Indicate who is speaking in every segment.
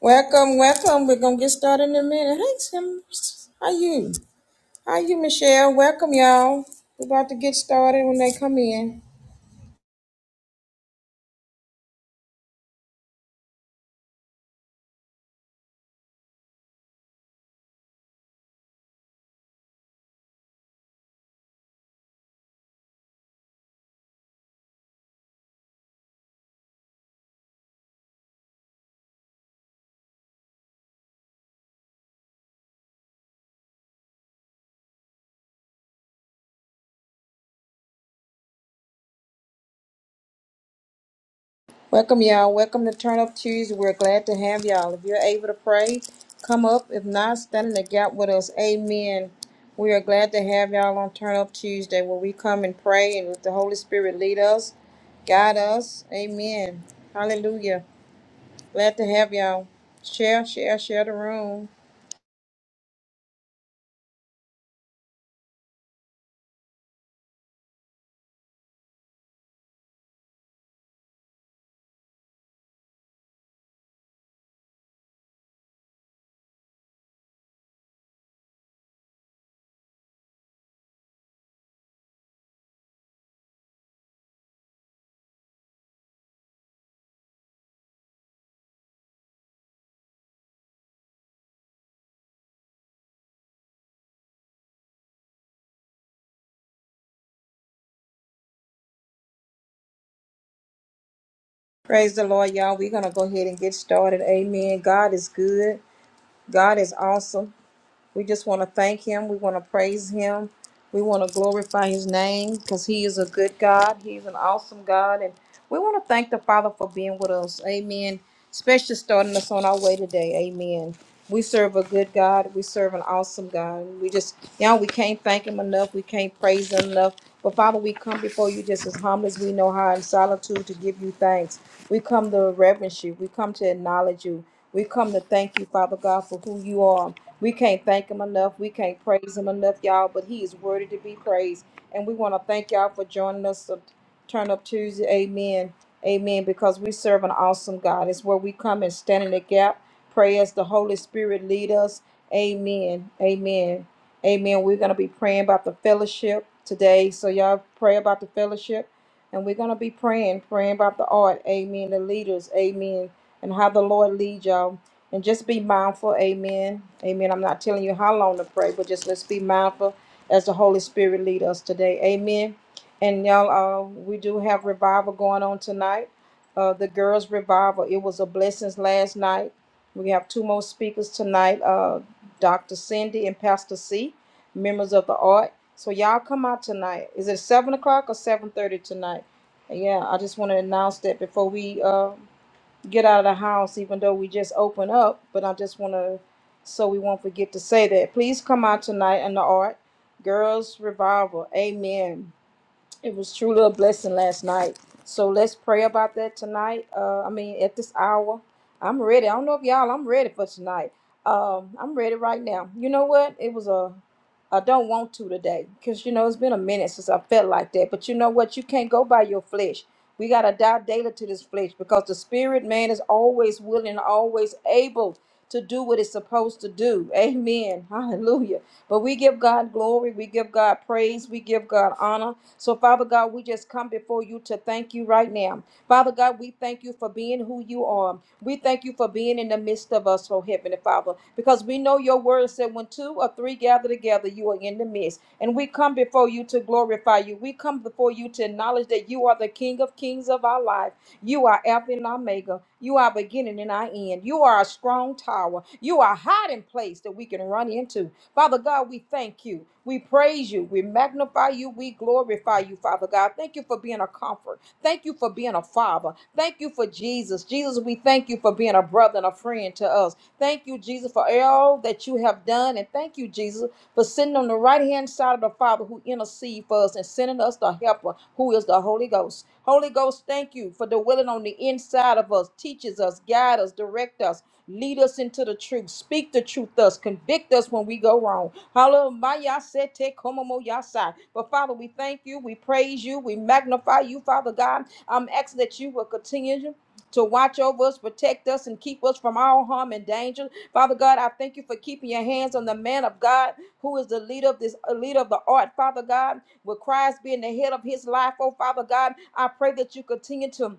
Speaker 1: Welcome, welcome. We're gonna get started in a minute. Hey, Tim. How you? How you, Michelle? Welcome, y'all. We're about to get started when they come in. Welcome, y'all. Welcome to Turn Up Tuesday. We're glad to have y'all. If you're able to pray, come up. If not, stand in the gap with us. Amen. We are glad to have y'all on Turn Up Tuesday, where we come and pray and let the Holy Spirit lead us, guide us. Amen. Hallelujah. Glad to have y'all. Share, share, share the room. Praise the Lord, y'all. We're going to go ahead and get started. Amen. God is good. God is awesome. We just want to thank Him. We want to praise Him. We want to glorify His name because He is a good God. He is an awesome God. And we want to thank the Father for being with us. Amen. Especially starting us on our way today. Amen. We serve a good God. We serve an awesome God. We just, you know, we can't thank Him enough. We can't praise Him enough. But Father, we come before you just as humble as we know how in solitude to give you thanks. We come to reverence you. We come to acknowledge you. We come to thank you, Father God, for who you are. We can't thank Him enough. We can't praise Him enough, y'all, but He is worthy to be praised. And we want to thank y'all for joining us on Turn Up Tuesday. Amen. Amen. Because we serve an awesome God. It's where we come and stand in the gap Pray as the Holy Spirit lead us. Amen. Amen. Amen. We're going to be praying about the fellowship today. So y'all pray about the fellowship. And we're going to be praying, praying about the art. Amen. The leaders. Amen. And how the Lord lead y'all. And just be mindful. Amen. Amen. I'm not telling you how long to pray, but just let's be mindful as the Holy Spirit lead us today. Amen. And y'all, uh, we do have revival going on tonight. Uh, the girls' revival. It was a blessings last night we have two more speakers tonight, uh, Dr. Cindy and Pastor C, members of the art. So y'all come out tonight. Is it seven o'clock or seven thirty tonight? Yeah, I just want to announce that before we uh, get out of the house, even though we just open up, but I just want to, so we won't forget to say that. Please come out tonight in the art, Girls Revival. Amen. It was truly a blessing last night. So let's pray about that tonight. Uh, I mean, at this hour, I'm ready. I don't know if y'all, I'm ready for tonight. Um, I'm ready right now. You know what? It was a I don't want to today because you know it's been a minute since I felt like that. But you know what? You can't go by your flesh. We got to die daily to this flesh because the spirit man is always willing, always able to do what it's supposed to do. Amen. Hallelujah. But we give God glory. We give God praise. We give God honor. So, Father God, we just come before you to thank you right now. Father God, God, we thank you for being who you are. We thank you for being in the midst of us, oh Heavenly Father, because we know your word said when two or three gather together, you are in the midst. And we come before you to glorify you. We come before you to acknowledge that you are the King of kings of our life. You are Alpha and Omega. You are beginning and our end. You are a strong tower. You are a hiding place that we can run into. Father God, we thank you. We praise you. We magnify you. We glorify you, Father God. Thank you for being a comfort. Thank you for being a father. Thank you for Jesus. Jesus, we thank you for being a brother and a friend to us. Thank you, Jesus, for all that you have done. And thank you, Jesus, for sitting on the right hand side of the Father who intercede for us and sending us the helper who is the Holy Ghost. Holy Ghost, thank you for dwelling on the inside of us, teaches us, guide us, direct us. Lead us into the truth. Speak the truth to us. Convict us when we go wrong. Hallelujah. Sete komomo yasai. But Father, we thank you. We praise you. We magnify you, Father God. I'm asking that you will continue to watch over us, protect us, and keep us from all harm and danger. Father God, I thank you for keeping your hands on the man of God who is the leader of this uh, leader of the art, Father God, with Christ being the head of his life. Oh, Father God, I pray that you continue to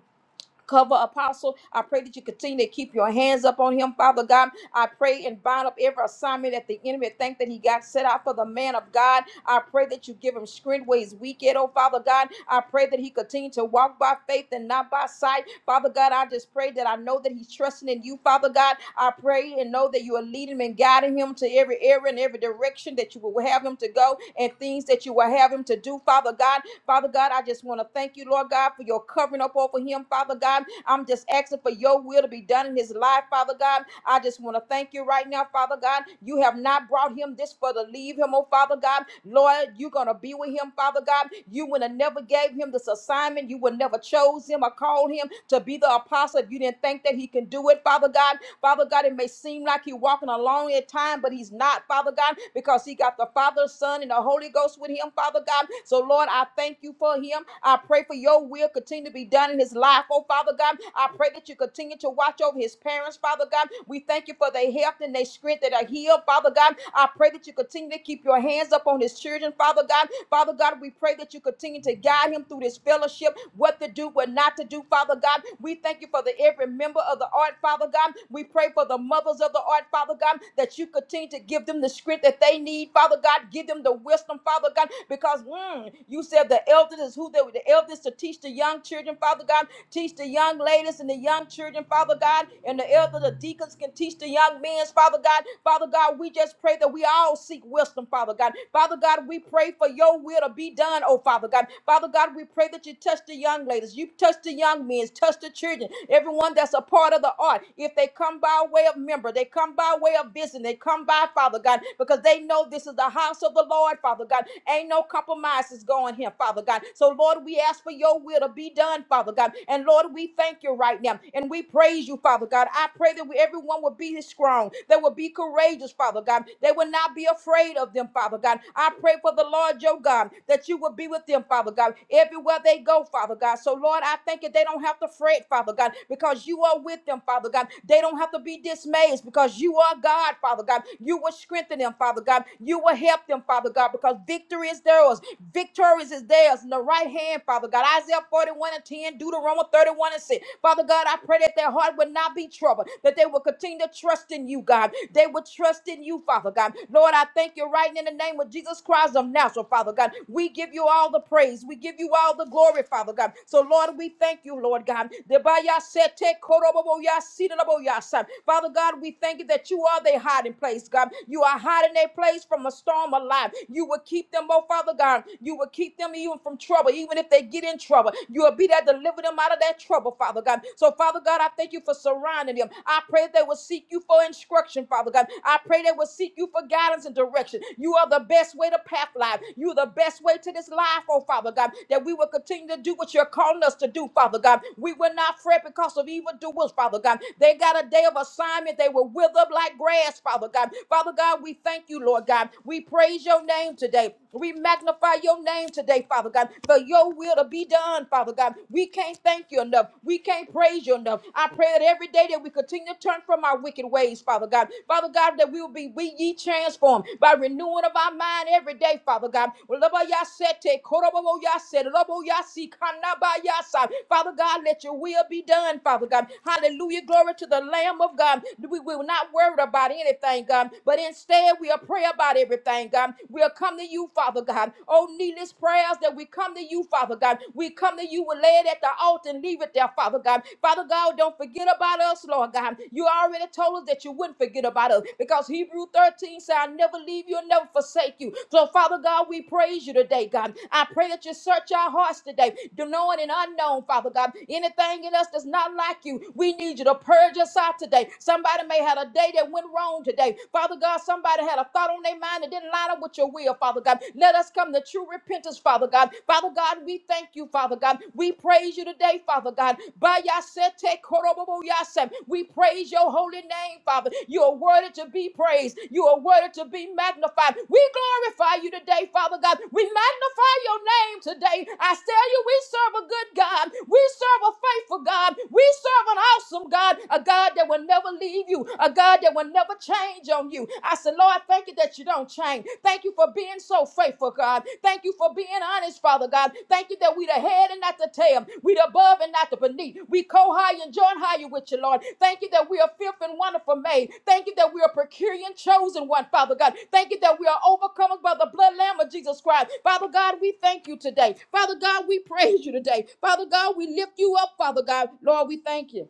Speaker 1: Cover apostle. I pray that you continue to keep your hands up on him, Father God. I pray and bind up every assignment that the enemy think that he got set out for the man of God. I pray that you give him strength where he's weak at, oh Father God. I pray that he continue to walk by faith and not by sight. Father God, I just pray that I know that he's trusting in you, Father God. I pray and know that you are leading him and guiding him to every area and every direction that you will have him to go and things that you will have him to do, Father God. Father God, I just want to thank you, Lord God, for your covering up over him, Father God. I'm just asking for your will to be done in his life, Father God. I just want to thank you right now, Father God. You have not brought him this for to leave him, oh Father God. Lord, you're gonna be with him, Father God. You would have never gave him this assignment. You would never chose him or called him to be the apostle if you didn't think that he can do it, Father God. Father God, it may seem like he's walking alone at time, but he's not, Father God, because he got the Father, Son, and the Holy Ghost with him, Father God. So, Lord, I thank you for him. I pray for your will continue to be done in his life, oh Father God. I pray that you continue to watch over his parents, Father God. We thank you for their health and their strength that are healed, Father God. I pray that you continue to keep your hands up on his children, Father God. Father God, we pray that you continue to guide him through this fellowship, what to do, what not to do, Father God. We thank you for the every member of the art, Father God. We pray for the mothers of the art, Father God, that you continue to give them the script that they need, Father God. Give them the wisdom, Father God, because mm, you said the elders is who they were, the elders to teach the young children, Father God. Teach the young ladies and the young children, Father God, and the elders, the deacons can teach the young men, Father God. Father God, we just pray that we all seek seek wisdom, Father God. Father God, we pray for your will to be done, oh Father God. Father God, we pray that you touch the young ladies, you touch the young men, touch the children, everyone that's a part of the art. If they come by way of member, they come by way of business, they come by, Father God, because they know this is the house of the Lord, Father God. Ain't no compromises going here, Father God. So, Lord, we ask for your will to be done, Father God. And Lord, we thank you right now. And we praise you, Father God. I pray that we, everyone will be strong, they will be courageous, Father God. They will not be afraid of them, Father God. I pray for the Lord your God that you will be with them, Father God, everywhere they go, Father God. So, Lord, I thank you. They don't have to fret, Father God, because you are with them, Father God. They don't have to be dismayed because you are God, Father God. You will strengthen them, Father God. You will help them, Father God, because victory is theirs. Victorious is theirs in the right hand, Father God. Isaiah 41 and 10, Deuteronomy 31 and 6. Father God, I pray that their heart would not will not be troubled, that they will continue to trust in you, God. They will trust in you, Father God. Lord, I thank you right now in the name of Jesus Christ of Nazareth, Father God. We give you all the praise. We give you all the glory, Father God. So, Lord, we thank you, Lord God. Debayasete koroboboyasidalaboyasa. Father God, we thank you that you are their hiding place, God. You are hiding their place from a storm of life. You will keep them, oh Father God. You will keep them even from trouble, even if they get in trouble. You will be there to deliver them out out of that trouble, Father God. So, Father God, I thank you for surrounding them. I pray they will seek you for instruction, Father God. I pray they will seek you for guidance and direction. You are the best way to path life. You are the best way to this life, oh Father God, that we will continue to do what you're calling us to do, Father God. We will not fret because of evil doers, Father God. They got a day of assignment. They will wither up like grass, Father God. Father God, we thank you, Lord God. We praise your name today. We magnify your name today, Father God, for your will to be done, Father God. We can't thank you enough. We can't praise you enough. I pray that every day that we continue to turn from our wicked ways, Father God. Father God, that we will be we ye transformed by renewing of our mind every day, Father God. Loboyasete, koroboboyase, loboyasi, kanabayasa. Father God, let your will be done, Father God. Hallelujah. Glory to the Lamb of God. We will not worry about anything, God, but instead we'll pray about about everything, God. We'll come to you, Father God. Oh, needless prayers that we come to you, Father God. We come to you, we lay it at the altar and leave it there, Father God. Father God, don't forget about us, Lord God. You already told us that you wouldn't forget about us because Hebrew 13 said, I'll never leave you and never forsake you. So, Father God, we praise you today, God. I pray that you search our hearts today, the known and unknown, Father God. Anything in us that's not like you, we need you to purge us out today. Somebody may have a day that went wrong today today. Father God, somebody had a thought on their mind that didn't line up with your will, Father God. Let us come to true repentance, Father God. Father God, we thank you, Father God. We praise you today, Father God. By Yasete Korobobo Yasem, we praise your holy name, Father. You are worthy to be praised. You are worthy to be magnified. We glorify you today, Father God. We magnify your name today. I tell you, we serve a good God. We serve a faithful God. We serve an awesome God, a God that will never leave you, a God that will never change on you. I said, Lord, thank you that you don't change. Thank you for being so faithful, God. Thank you for being honest, Father God. Thank you that we the head and not the tail. We the above and not the beneath. We co-high and join higher with you, Lord. Thank you that we are fifth and wonderful made. Thank you that we are procuring chosen one, Father God. Thank you that we are overcomers by the blood lamb of Jesus Christ. Father God, we thank you today. Father God, we praise you today. Father God, we lift you up, Father God. Lord, we thank you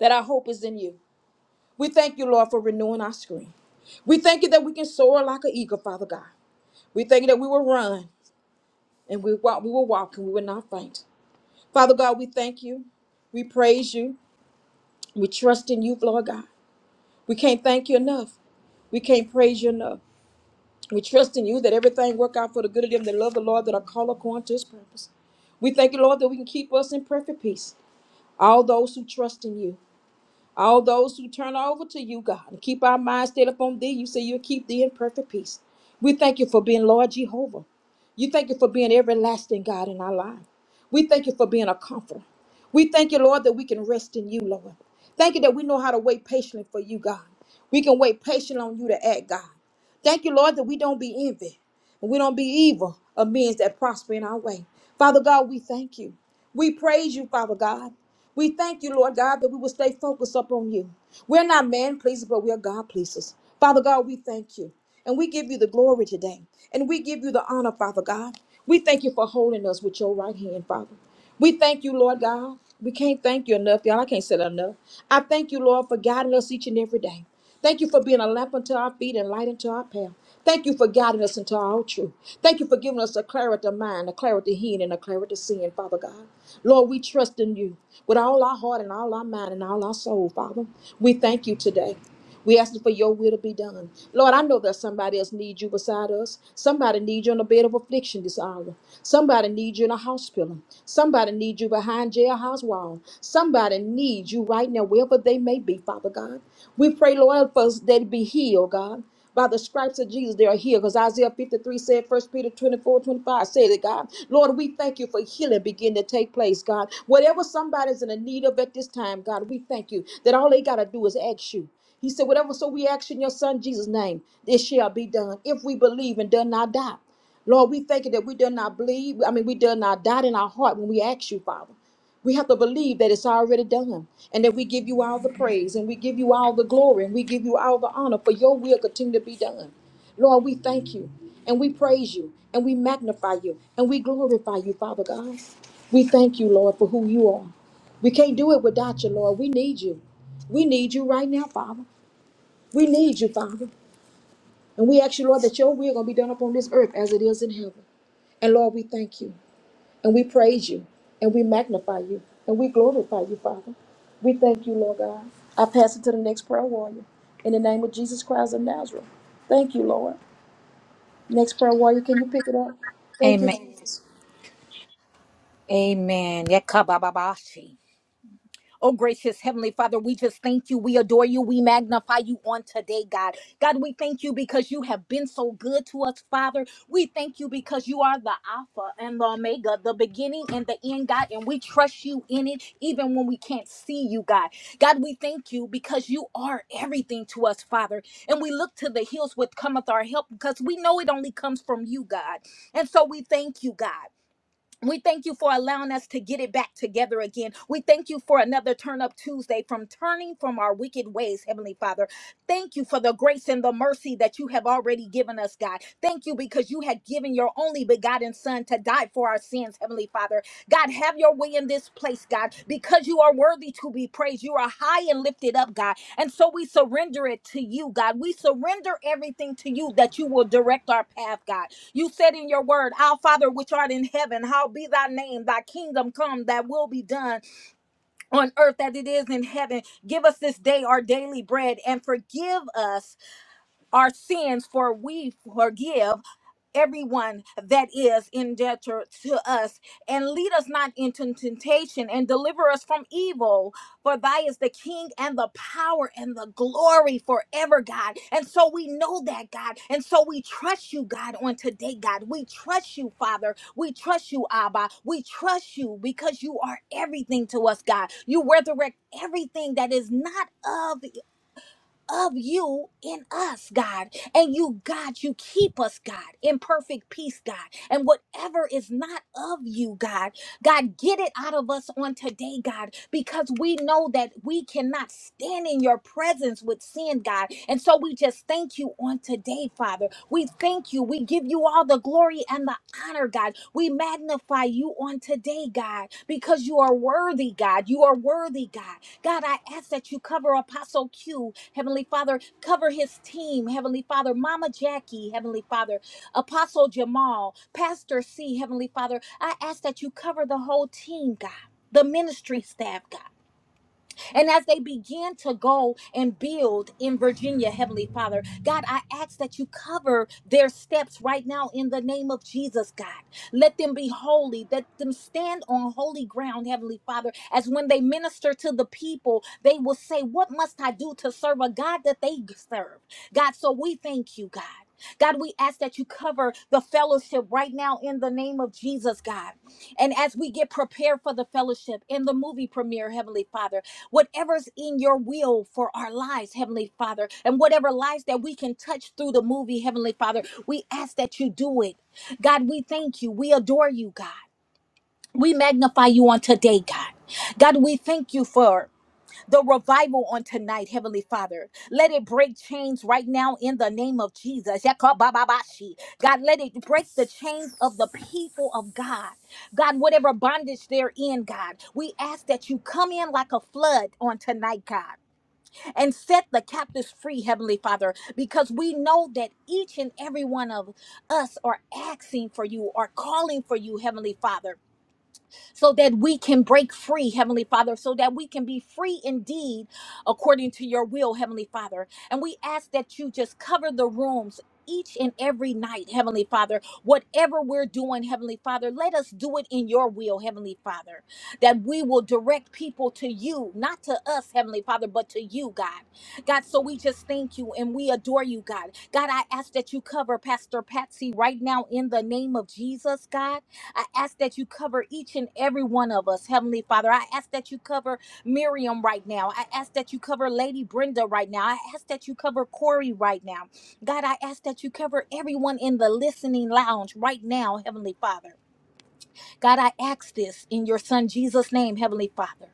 Speaker 1: that our hope is in you. We thank you, Lord, for renewing our strength. We thank you that we can soar like an eagle, Father God. We thank you that we will run and we walk, we will walk and we will not faint. Father God, we thank you. We praise you. We trust in you, Lord God. We can't thank you enough. We can't praise you enough. We trust in you that everything work out for the good of them that love the Lord that are called according to his purpose. We thank you, Lord, that we can keep us in perfect peace. All those who trust in you. All those who turn over to you, God, and keep our minds stayed upon thee, you say you'll keep thee in perfect peace. We thank you for being Lord Jehovah. You thank you for being everlasting God in our life. We thank you for being a comforter. We thank you, Lord, that we can rest in you, Lord. Thank you that we know how to wait patiently for you, God. We can wait patiently on you to act, God. Thank you, Lord, that we don't be envied and we don't be evil of men that prosper in our way. Father God, we thank you. We praise you, Father God. We thank you, Lord God, that we will stay focused upon you. We're not man pleasers, but we are God pleasers. Father God, we thank you. And we give you the glory today. And we give you the honor, Father God. We thank you for holding us with your right hand, Father. We thank you, Lord God. We can't thank you enough, y'all. I can't say that enough. I thank you, Lord, for guiding us each and every day. Thank you for being a lamp unto our feet and light unto our path. Thank you for guiding us into all truth. Thank you for giving us a clarity of mind, a clarity of hearing, and a clarity of seeing, Father God. Lord, we trust in you with all our heart and all our mind and all our soul, Father. We thank you today. We asking for your will to be done. Lord, I know that somebody else needs you beside us. Somebody needs you on a bed of affliction this hour. Somebody needs you in a hospital. Somebody needs you behind jailhouse wall. Somebody needs you right now, wherever they may be, Father God. We pray, Lord, for us that it be healed, God. By the stripes of Jesus, they are healed. Because Isaiah 53 said, 1 Peter 24, 25 said it, God. Lord, we thank you for healing begin to take place, God. Whatever somebody's in the need of at this time, God, we thank you that all they got to do is ask you. He said, whatever, so we ask in your son Jesus' name, this shall be done. If we believe and do not doubt. Lord, we thank you that we do not believe. I mean, we do not doubt in our heart when we ask you, Father. We have to believe that it's already done and that we give you all the praise and we give you all the glory and we give you all the honor for your will continue to be done. Lord, we thank you and we praise you and we magnify you and we glorify you, Father God. We thank you, Lord, for who you are. We can't do it without you, Lord. We need you. We need you right now, Father. We need you, Father. And we ask you, Lord, that your will gonna be done upon this earth as it is in heaven. And Lord, we thank you. And we praise you and we magnify you and we glorify you, Father. We thank you, Lord God. I pass it to the next prayer warrior. In the name of Jesus Christ of Nazareth. Thank you, Lord. Next prayer warrior, can you pick it up? Thank you,
Speaker 2: Amen.
Speaker 1: Jesus.
Speaker 2: Amen. Yekababashi. Oh, gracious Heavenly Father, we just thank you. We adore you. We magnify you on today, God. God, we thank you because you have been so good to us, Father. We thank you because you are the Alpha and the Omega, the beginning and the end, God. And we trust you in it, even when we can't see you, God. God, we thank you because you are everything to us, Father. And we look to the hills with cometh our help because we know it only comes from you, God. And so we thank you, God. We thank you for allowing us to get it back together again. We thank you for another Turn Up Tuesday from turning from our wicked ways, Heavenly Father. Thank you for the grace and the mercy that you have already given us, God. Thank you because you had given your only begotten Son to die for our sins, Heavenly Father. God, have your way in this place, God, because you are worthy to be praised. You are high and lifted up, God. And so we surrender it to you, God. We surrender everything to you that you will direct our path, God. You said in your word, Our Father which art in heaven, how be thy name, thy kingdom come, thy will be done on earth as it is in heaven. Give us this day our daily bread and forgive us our sins, for we forgive everyone that is in debt to to us and lead us not into temptation and deliver us from evil for thy is the king and the power and the glory forever god and so we know that god and so we trust you god on today god we trust you father we trust you abba we trust you because you are everything to us god you resurrect everything that is not of of you in us, God. And you, God, you keep us, God, in perfect peace, God. And whatever is not of you, God, God, get it out of us on today, God, because we know that we cannot stand in your presence with sin, God. And so we just thank you on today, Father. We thank you. We give you all the glory and the honor, God. We magnify you on today, God, because you are worthy, God. You are worthy, God. God, I ask that you cover Apostle Q, Heavenly Father, cover his team, Heavenly Father, Mama Jackie, Heavenly Father, Apostle Jamal, Pastor C, Heavenly Father. I ask that you cover the whole team, God. The ministry staff, God. And as they begin to go and build in Virginia, Heavenly Father, God, I ask that you cover their steps right now in the name of Jesus, God. Let them be holy. Let them stand on holy ground, Heavenly Father, as when they minister to the people, they will say, What must I do to serve a God that they serve? God, so we thank you, God. God, we ask that you cover the fellowship right now in the name of Jesus, God. And as we get prepared for the fellowship in the movie premiere, Heavenly Father, whatever's in your will for our lives, Heavenly Father, and whatever lives that we can touch through the movie, Heavenly Father, we ask that you do it. God, we thank you. We adore you, God. We magnify you on today, God. God, we thank you for the revival on tonight, Heavenly Father. Let it break chains right now in the name of Jesus. Yakabababashi. God, let it break the chains of the people of God. God, whatever bondage they're in, God, we ask that you come in like a flood on tonight, God and set the captives free, Heavenly Father, because we know that each and every one of us are asking for you, are calling for you, Heavenly Father so that we can break free, Heavenly Father, so that we can be free indeed according to your will, Heavenly Father. And we ask that you just cover the rooms. Each and every night, Heavenly Father, whatever we're doing, Heavenly Father, let us do it in your will, Heavenly Father, that we will direct people to you, not to us, Heavenly Father, but to you, God. God, so we just thank you and we adore you, God. God, I ask that you cover Pastor Patsy right now in the name of Jesus, God. I ask that you cover each and every one of us, Heavenly Father. I ask that you cover Miriam right now. I ask that you cover Lady Brenda right now. I ask that you cover Corey right now. God, I ask that you cover everyone in the listening lounge right now, Heavenly Father. God, I ask this in your Son Jesus' name, Heavenly Father.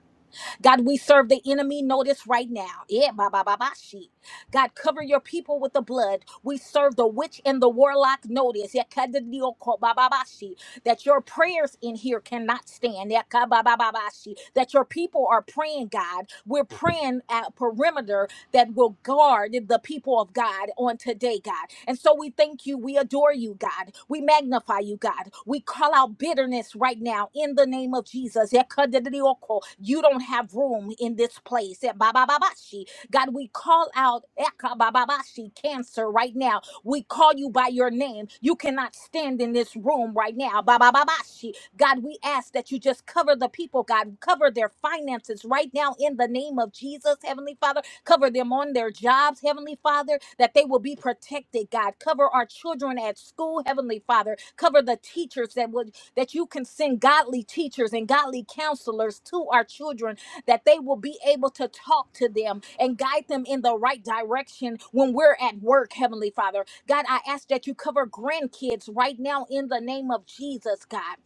Speaker 2: God, we serve the enemy notice right now. Yeah, ba ba ba ba she. God, cover your people with the blood. We serve the witch and the warlock notice. Yeah, ka kada dio ko ba ba ba she. That your prayers in here cannot stand. Yeah, ka ba ba ba ba she. That your people are praying, God. We're praying at perimeter that will guard the people of God on today, God. And so we thank you. We adore you, God. We magnify you, God. We call out bitterness right now in the name of Jesus. Ekadidiyoko. You don't have room in this place. Ebababashi. God, we call out ekabababashi, cancer right now. We call you by your name. You cannot stand in this room right now. Babababashi. God, we ask that you just cover the people, God, cover their finances right now in the name of Jesus, Heavenly Father. Cover them on their jobs, Heavenly Father, that they will be protected, God. Cover our children at school, Heavenly Father. Cover the teachers that would that you can send godly teachers and godly counselors to our children, that they will be able to talk to them and guide them in the right direction when we're at work, Heavenly Father. God, I ask that you cover grandkids right now in the name of Jesus, God.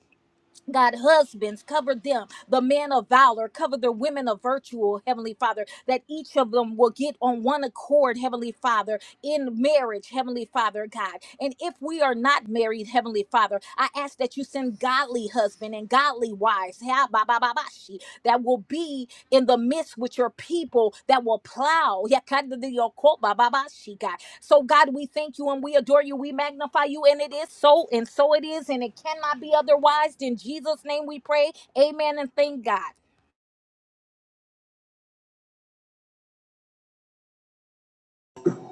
Speaker 2: God, husbands, cover them, the men of valor, cover the women of virtue, oh, Heavenly Father, that each of them will get on one accord, Heavenly Father, in marriage, Heavenly Father, God. And if we are not married, Heavenly Father, I ask that you send godly husband and godly wives that will be in the midst with your people that will plow. So, God, we thank you and we adore you. We magnify you, and it is so, and so it is, and it cannot be otherwise. In Jesus' name we pray. Amen and thank God.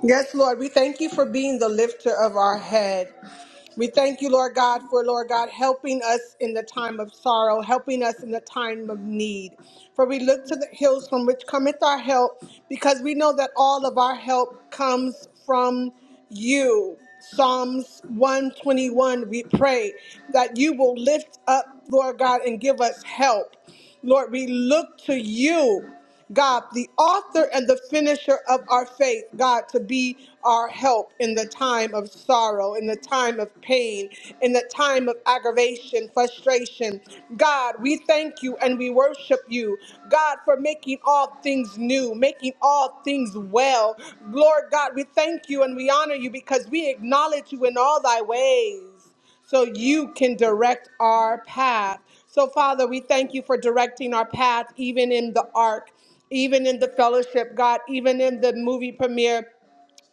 Speaker 3: Yes, Lord, we thank you for being the lifter of our head. We thank you, Lord God, for Lord God helping us in the time of sorrow, helping us in the time of need. For we look to the hills from which cometh our help, because we know that all of our help comes from you. Psalms 121, we pray that you will lift up, Lord God, and give us help. Lord, we look to you God, the author and the finisher of our faith, God, to be our help in the time of sorrow, in the time of pain, in the time of aggravation, frustration. God, we thank you and we worship you, God, for making all things new, making all things well. Lord God, we thank you and we honor you because we acknowledge you in all thy ways so you can direct our path. So, Father, we thank you for directing our path, even in the ark, even in the fellowship, God, even in the movie premiere.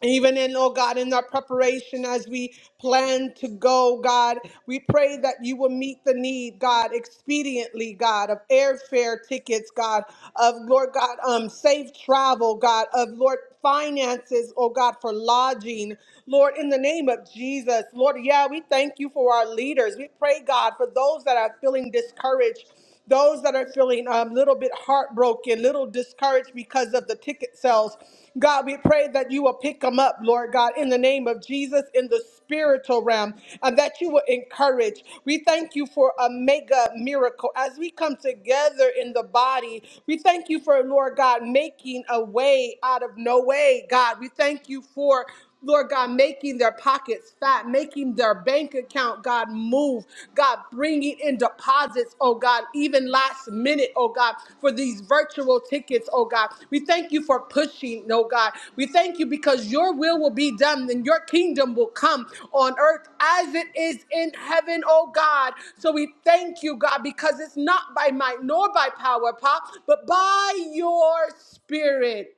Speaker 3: Even in, oh God, in our preparation as we plan to go, God, we pray that you will meet the need, God, expediently, God, of airfare tickets, God, of Lord God, um, safe travel, God, of Lord finances, oh God, for lodging. Lord, in the name of Jesus, Lord, yeah, we thank you for our leaders. We pray, God, for those that are feeling discouraged those that are feeling a um, little bit heartbroken, little discouraged because of the ticket sales. God, we pray that you will pick them up, Lord God, in the name of Jesus, in the spiritual realm, and that you will encourage. We thank you for a mega miracle. As we come together in the body, we thank you for, Lord God, making a way out of no way, God. We thank you for. Lord God, making their pockets fat, making their bank account, God, move. God, bringing in deposits, oh God, even last minute, oh God, for these virtual tickets, oh God. We thank you for pushing, oh God. We thank you because your will will be done and your kingdom will come on earth as it is in heaven, oh God. So we thank you, God, because it's not by might nor by power, Pa, but by your spirit.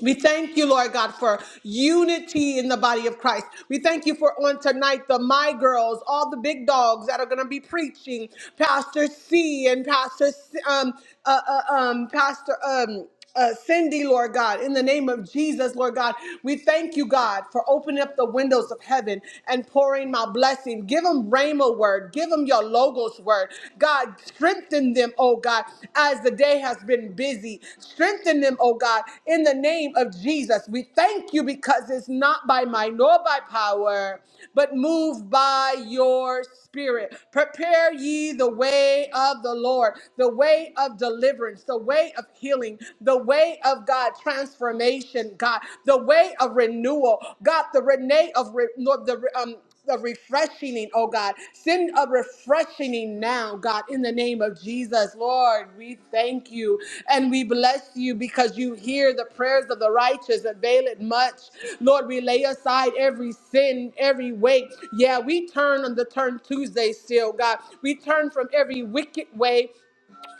Speaker 3: We thank you, Lord God, for unity in the body of Christ. We thank you for on tonight the My Girls, all the big dogs that are going to be preaching, Pastor C and Pastor C- um uh, uh, um Pastor um. Uh, Cindy, Lord God, in the name of Jesus, Lord God, we thank you, God, for opening up the windows of heaven and pouring my blessing. Give them Rhema word. Give them your logos Lord's word. God, strengthen them, oh God, as the day has been busy. Strengthen them, oh God, in the name of Jesus. We thank you because it's not by might nor by power, but move by your spirit. Prepare ye the way of the Lord, the way of deliverance, the way of healing, the way of God transformation, God, the way of renewal, God, the Renee of re- no, the um the refreshing, oh God. Send a refreshing now, God, in the name of Jesus. Lord, we thank you and we bless you because you hear the prayers of the righteous avail it much. Lord, we lay aside every sin, every weight. Yeah, we turn on the turn Tuesday still, God. We turn from every wicked way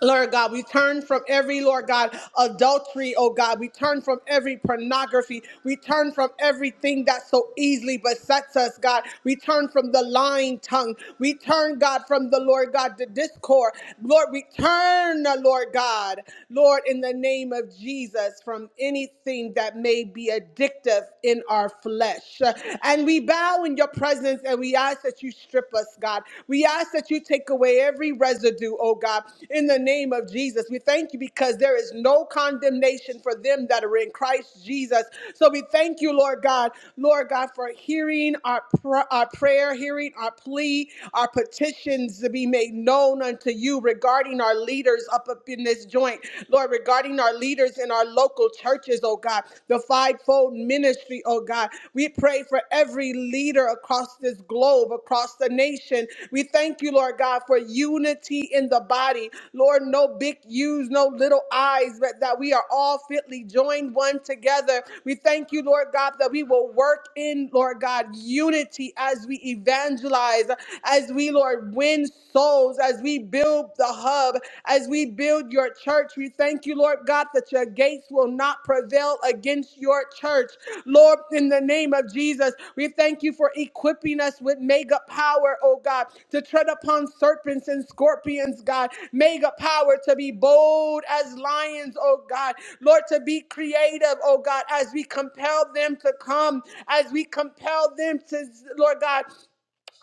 Speaker 3: Lord God, we turn from every, Lord God, adultery, oh God. We turn from every pornography. We turn from everything that so easily besets us, God. We turn from the lying tongue. We turn, God, from the Lord God, the discord. Lord, we turn, Lord God, Lord, in the name of Jesus, from anything that may be addictive in our flesh. And we bow in your presence and we ask ask that you strip us, God. We ask that you take away every residue, oh God, in the name of Jesus. We thank you because there is no condemnation for them that are in Christ Jesus. So we thank you, Lord God, Lord God, for hearing our, pr- our prayer, hearing our plea, our petitions to be made known unto you regarding our leaders up, up in this joint, Lord, regarding our leaders in our local churches, oh God the fivefold ministry, oh God. We pray for every leader across this globe, across the nation. We thank you, Lord God, for unity in the body. Lord, no big U's, no little I's, but that we are all fitly joined one together. We thank you, Lord God, that we will work in, Lord God, unity as we evangelize, as we, Lord, win souls, as we build the hub, as we build your church. We thank you, Lord God, that your gates will not prevail against your church. Lord, in the name of Jesus, we thank you for equipping us with mega power, oh God, to tread upon serpents and scorpions, God. Mega power to be bold as lions, oh God. Lord, to be creative, oh God, as we compel them to come, as we compel them to, Lord God,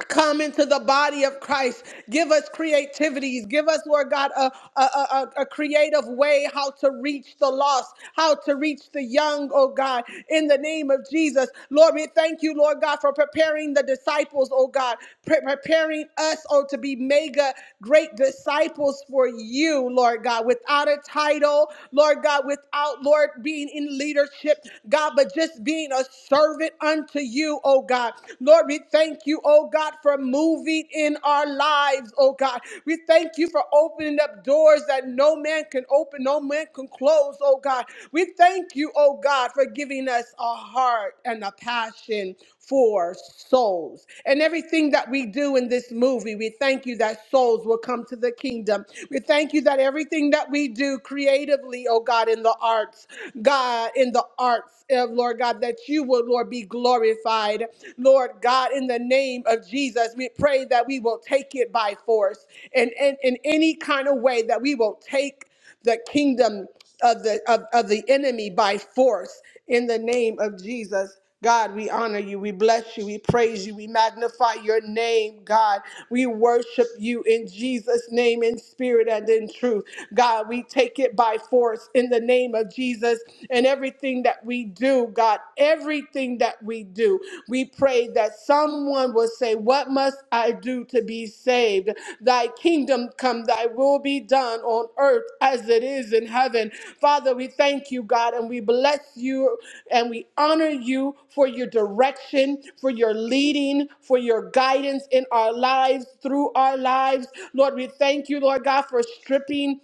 Speaker 3: come into the body of Christ. Give us creativities. Give us, Lord God, a, a, a, a- creative way how to reach the lost, how to reach the young, oh God, in the name of Jesus. Lord, we thank you, Lord God, for preparing the disciples, oh God, pre- preparing us, oh, to be mega great disciples for you, Lord God, without a title, Lord God, without, Lord, being in leadership, God, but just being a servant unto you you, oh God. Lord, we thank you, oh God, for moving in our lives, oh God. We thank you for opening up doors that no man can open, no man can close, oh God. We thank you, oh God, for giving us a heart and a passion for souls. And everything that we do in this movie, we thank you that souls will come to the kingdom. We thank you that everything that we do creatively, oh God, in the arts, God, in the arts, eh, Lord God, that you will, Lord, be glorified. Lord God, in the name of Jesus, we pray that we will take it by force and in any kind of way that we will take the kingdom of the of, of the enemy by force in the name of Jesus. God, we honor you, we bless you, we praise you, we magnify your name, God. We worship you in Jesus' name, in spirit and in truth. God, we take it by force in the name of Jesus and everything that we do, God, everything that we do. we prayed that someone would say, What must I do to be saved? Thy kingdom come, thy will be done on earth as it is in heaven. Father, we thank you, God, and we bless you and we honor you for your direction, for your leading, for your guidance in our lives, through our lives. Lord, we thank you, Lord God, for stripping.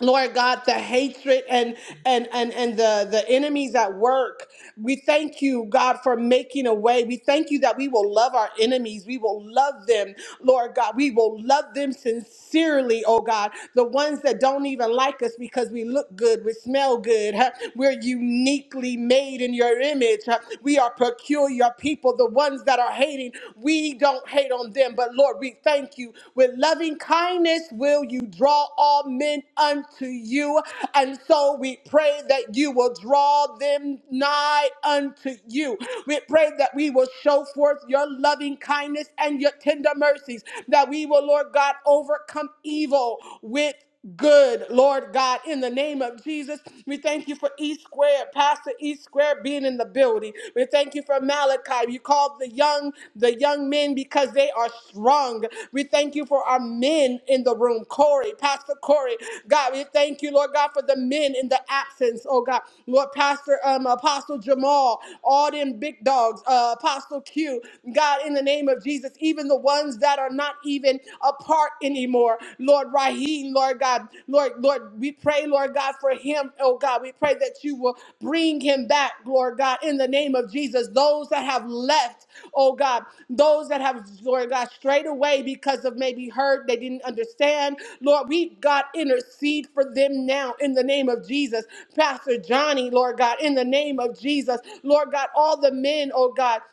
Speaker 3: Lord God, the hatred and and and and the the enemies at work. We thank you, God, for making a way. We thank you that we will love our enemies. We will love them, Lord God. We will love them sincerely, oh God. The ones that don't even like us because we look good, we smell good. huh? We're uniquely made in your image. huh? We are peculiar people. The ones that are hating, we don't don't hate on them. But Lord, we thank you. With loving kindness will you draw all men unto you. And so we pray that you will draw them nigh unto you. We pray that we will show forth your loving kindness and your tender mercies, that we will, Lord God, overcome evil with good, Lord God, in the name of Jesus. We thank you for E Square, Pastor E Square being in the building. We thank you for Malachi. You called the young, the young men because they are strong. We thank you for our men in the room. Corey, Pastor Corey. God, we thank you, Lord God, for the men in the absence. Oh God. Lord Pastor um Apostle Jamal, all them big dogs, uh, Apostle Q. God, in the name of Jesus, even the ones that are not even a part anymore. Lord Raheem, Lord God, Lord, Lord, we pray, Lord God, for him, oh God. We pray that you will bring him back, Lord God, in the name of Jesus. Those that have left, oh God, those that have, Lord God, strayed away because of maybe hurt, they didn't understand. Lord, we, God, intercede for them now in the name of Jesus. Pastor Johnny, Lord God, in the name of Jesus. Lord God, all the men, oh God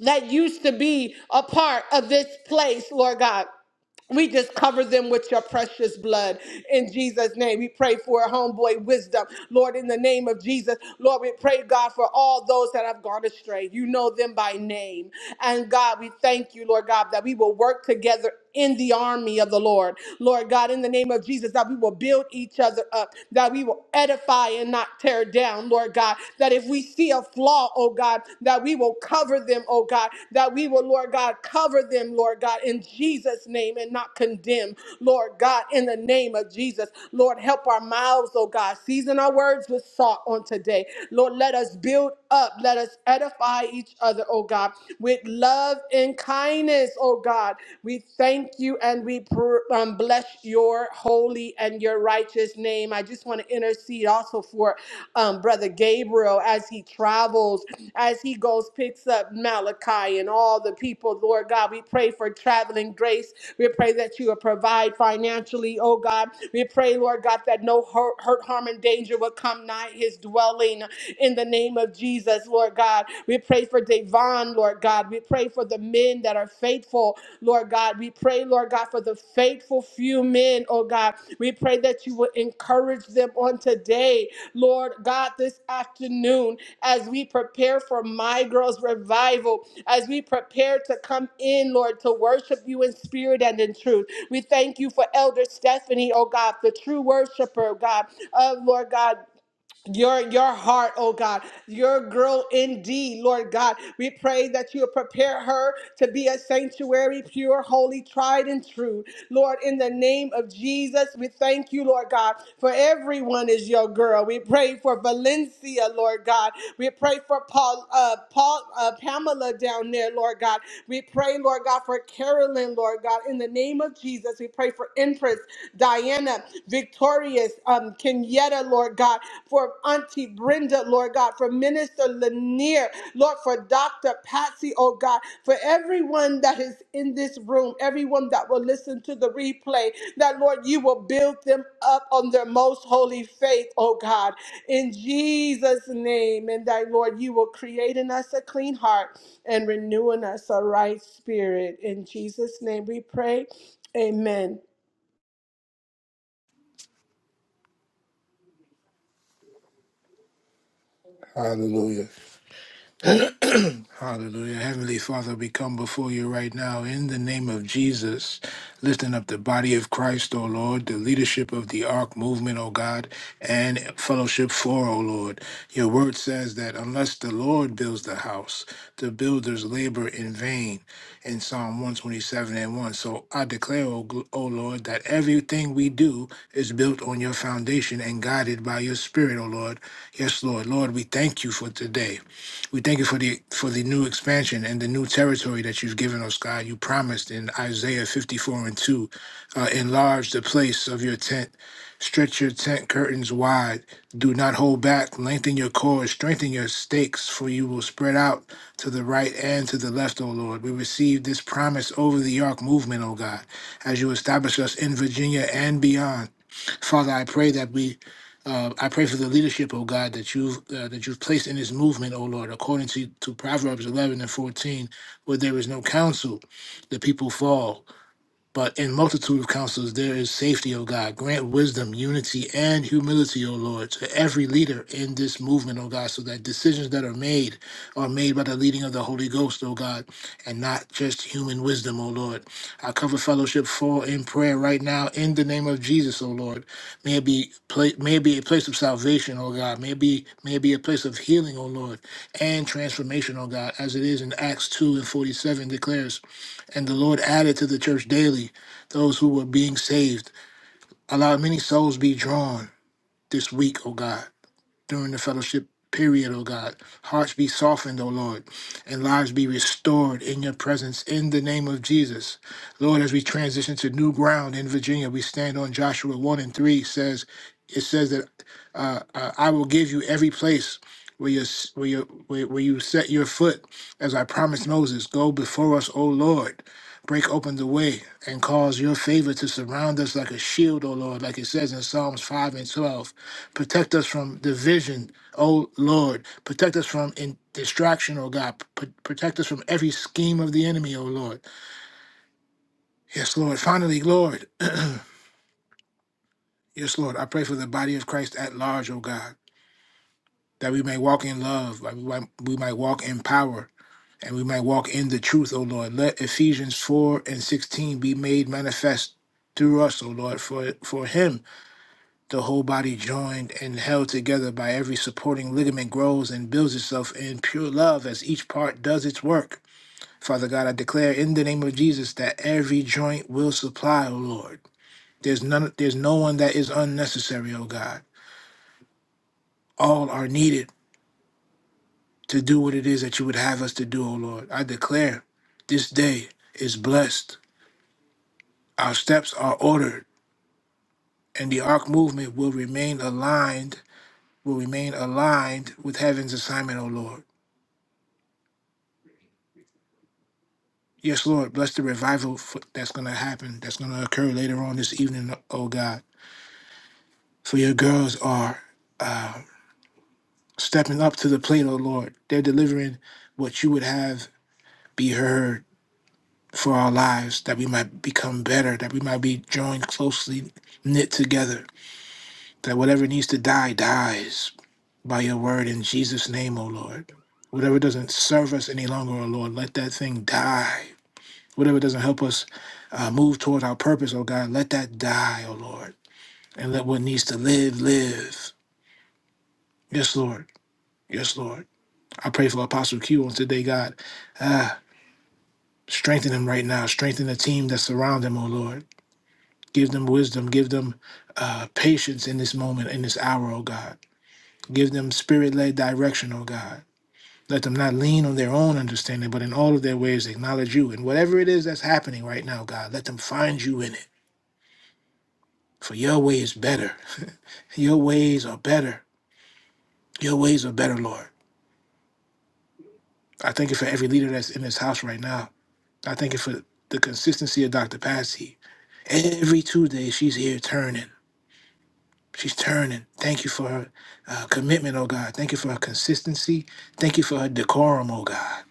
Speaker 3: that used to be a part of this place, Lord God. We just cover them with your precious blood in Jesus' name. We pray for a homeboy wisdom, Lord, in the name of Jesus. Lord, we pray, God, for all those that have gone astray. You know them by name. And God, we thank you, Lord God, that we will work together in the army of the Lord. Lord God, in the name of Jesus, that we will build each other up, that we will edify and not tear down, Lord God, that if we see a flaw, oh God, that we will cover them, oh God, that we will, Lord God, cover them, Lord God, in Jesus' name and not condemn, Lord God, in the name of Jesus. Lord, help our mouths, oh God, season our words with salt on today. Lord, let us build up, let us edify each other, oh God, with love and kindness, oh God. We thank you and we pr- um, bless your holy and and your righteous name. I just want to intercede also for um, Brother Gabriel as he travels, as he goes, picks up Malachi and all the people. Lord God, we pray for traveling grace. We pray that you will provide financially, oh God. We pray, Lord God, that no hurt, hurt harm, and danger will come nigh his dwelling in the name of Jesus, Lord God. We pray for Devon, Lord God. We pray pray for the men that are faithful, Lord God. We pray, Lord God, for the faithful few men, oh God. We pray that you would encourage them on today, Lord God, this afternoon as we prepare for my girls' revival, as we prepare to come in, Lord, to worship you in spirit and in truth. We thank you for Elder Stephanie, oh God, the true worshiper, oh God, of Lord God your your heart, oh God, your girl indeed, Lord God. We pray that you prepare her to be a sanctuary, pure, holy, tried and true. Lord, in the name of Jesus, we thank you, Lord God, for everyone is your girl. We pray for Valencia, Lord God. We pray for Paul, uh, Paul, uh, Pamela down there, Lord God. We pray, Lord God, for Carolyn, Lord God, in the name of Jesus. We pray for Empress, Diana, Victorious, um, Kenyetta, Lord God, for Auntie Brenda, Lord God, for Minister Lanier, Lord, for Dr. Patsy, oh God, for everyone that is in this room, everyone that will listen to the replay, that Lord, you will build them up on their most holy faith, oh God, in Jesus' name. And that, Lord, you will create in us a clean heart and renewing us a right spirit. In Jesus' name we pray. Amen.
Speaker 4: Hallelujah. Hallelujah. Heavenly Father, we come before you right now in the name of Jesus, lifting up the body of Christ, O Lord, the leadership of the Ark movement, O God, and fellowship for, O Lord. Your word says that unless the Lord builds the house, the builders labor in vain in Psalm 127 and 1. So I declare, O, gl- o Lord, that everything we do is built on your foundation and guided by your spirit, O Lord. Yes, Lord. Lord, we thank you for today. We thank you for the for the new expansion and the new territory that you've given us, God. You promised in Isaiah 54 and 2, uh, enlarge the place of your tent, stretch your tent curtains wide, do not hold back, lengthen your cords, strengthen your stakes, for you will spread out to the right and to the left, O Lord. We receive this promise over the Ark movement, O God, as you establish us in Virginia and beyond. Father, I pray that we. Uh, I pray for the leadership, oh God, that you've uh, that you've placed in this movement, oh Lord, according to, to Proverbs 11 and 14, where there is no counsel, the people fall. But in multitude of counsels there is safety, O God. Grant wisdom, unity, and humility, O Lord, to every leader in this movement, O God, so that decisions that are made are made by the leading of the Holy Ghost, O God, and not just human wisdom, O Lord. I cover fellowship for in prayer right now in the name of Jesus, O Lord. May it be pla- may it be a place of salvation, O God. May it be may it be a place of healing, O Lord, and transformation, O God, as it is in Acts two and forty seven declares and the Lord added to the church daily those who were being saved. Allow many souls be drawn this week, O God during the fellowship period, O God. Hearts be softened, O Lord, and lives be restored in your presence in the name of Jesus. Lord, as we transition to new ground in Virginia, we stand on Joshua 1 and 3 says, it says that uh, uh, I will give you every place where you where you where, where you set your foot, as I promised Moses. Go before us, O Lord. Break open the way and cause your favor to surround us like a shield, O Lord, like it says in Psalms five and twelve. Protect us from division, O Lord. Protect us from in distraction, O God. P- protect us from every scheme of the enemy, O Lord. Yes, Lord. Finally, Lord. Yes, Lord. I pray for the body of Christ at large, O God, that we may walk in love, that we might, we might walk in power, and we might walk in the truth, O Lord. Let Ephesians 4 and 16 be made manifest through us, O Lord, for, for Him the whole body joined and held together by every supporting ligament grows and builds itself in pure love as each part does its work. Father God, I declare in the name of Jesus that every joint will supply, O Lord. There's none there's no one that is unnecessary, O God. All are needed to do what it is that you would have us to do, O Lord. I declare this day is blessed. Our steps are ordered, and the ark movement will remain aligned, will remain aligned with heaven's assignment, O Lord. Yes, Lord, bless the revival for, that's going to happen, that's going to occur later on this evening, oh God. For your girls are stepping up to the plate, oh Lord. They're delivering what you would have be heard for our lives, that we might become better, that we might be joined closely, knit together, that whatever needs to die, dies by your word in Jesus' name, oh Lord. Whatever doesn't serve us any longer, oh Lord, let that thing die. Whatever doesn't help us uh, move toward our purpose, oh God, let that die, oh Lord and let what needs to live live. Yes, Lord. Yes, Lord. I pray for Apostle Q on today, God. Ah, strengthen him right now. Strengthen the team that surround him, oh Lord. Give them wisdom. Give them uh, patience in this moment, in this hour, oh God. Give them spirit led direction, oh God. Let them not lean on their own understanding, but in all of their ways acknowledge you. And whatever it is that's happening right now, God, let them find you in it. For your way is better. your ways are better. Your ways are better, Lord. I thank you for every leader that's in this house right now. I thank you for the consistency of Dr. Patsy. Every Tuesday, she's here turning. She's turning. Thank you for her uh, commitment, oh God. Thank you for her consistency. Thank you for her decorum, oh God.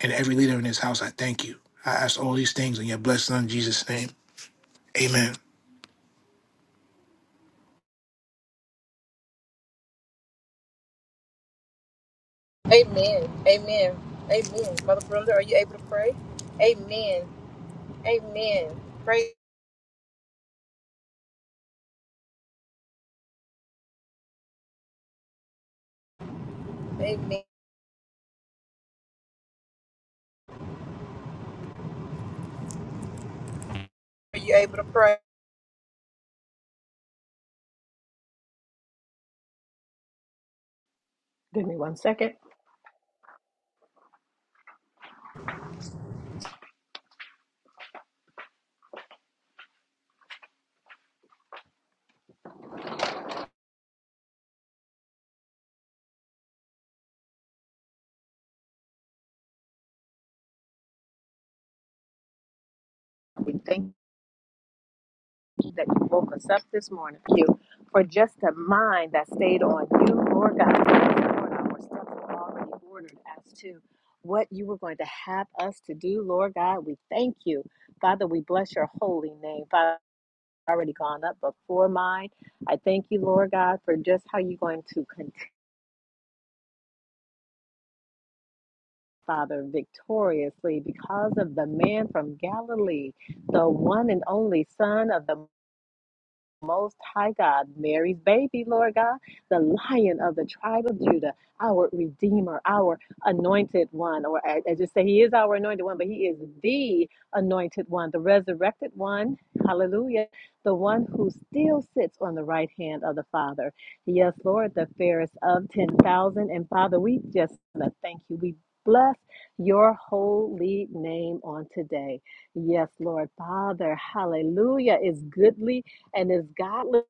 Speaker 4: And every leader in this house, I thank you. I ask all these things in your blessed Son, Jesus' name. Amen.
Speaker 1: Amen. Amen. Amen. Mother Brenda, are you able to pray? Amen. Amen. Pray. Amen. Are you able to pray?
Speaker 5: Give me one second. We thank you that you woke us up this morning. Thank you for just a mind that stayed on you, Lord God. Lord, our steps were already ordered as to what you were going to have us to do, Lord God. We thank you. Father, we bless your holy name. Father, I've already gone up before mine. I thank you, Lord God, for just how you're going to continue, Father, victoriously because of the man from Galilee, the one and only Son of the Most High God, Mary's baby, Lord God, the Lion of the tribe of Judah, our Redeemer, our Anointed One, or I, I just say He is our Anointed One, but He is the Anointed One, the Resurrected One, Hallelujah, the One who still sits on the right hand of the Father. Yes, Lord, the fairest of ten thousand, and Father, we just want to thank you. We bless your holy name on today. Yes, Lord, Father, Hallelujah is goodly and it's godly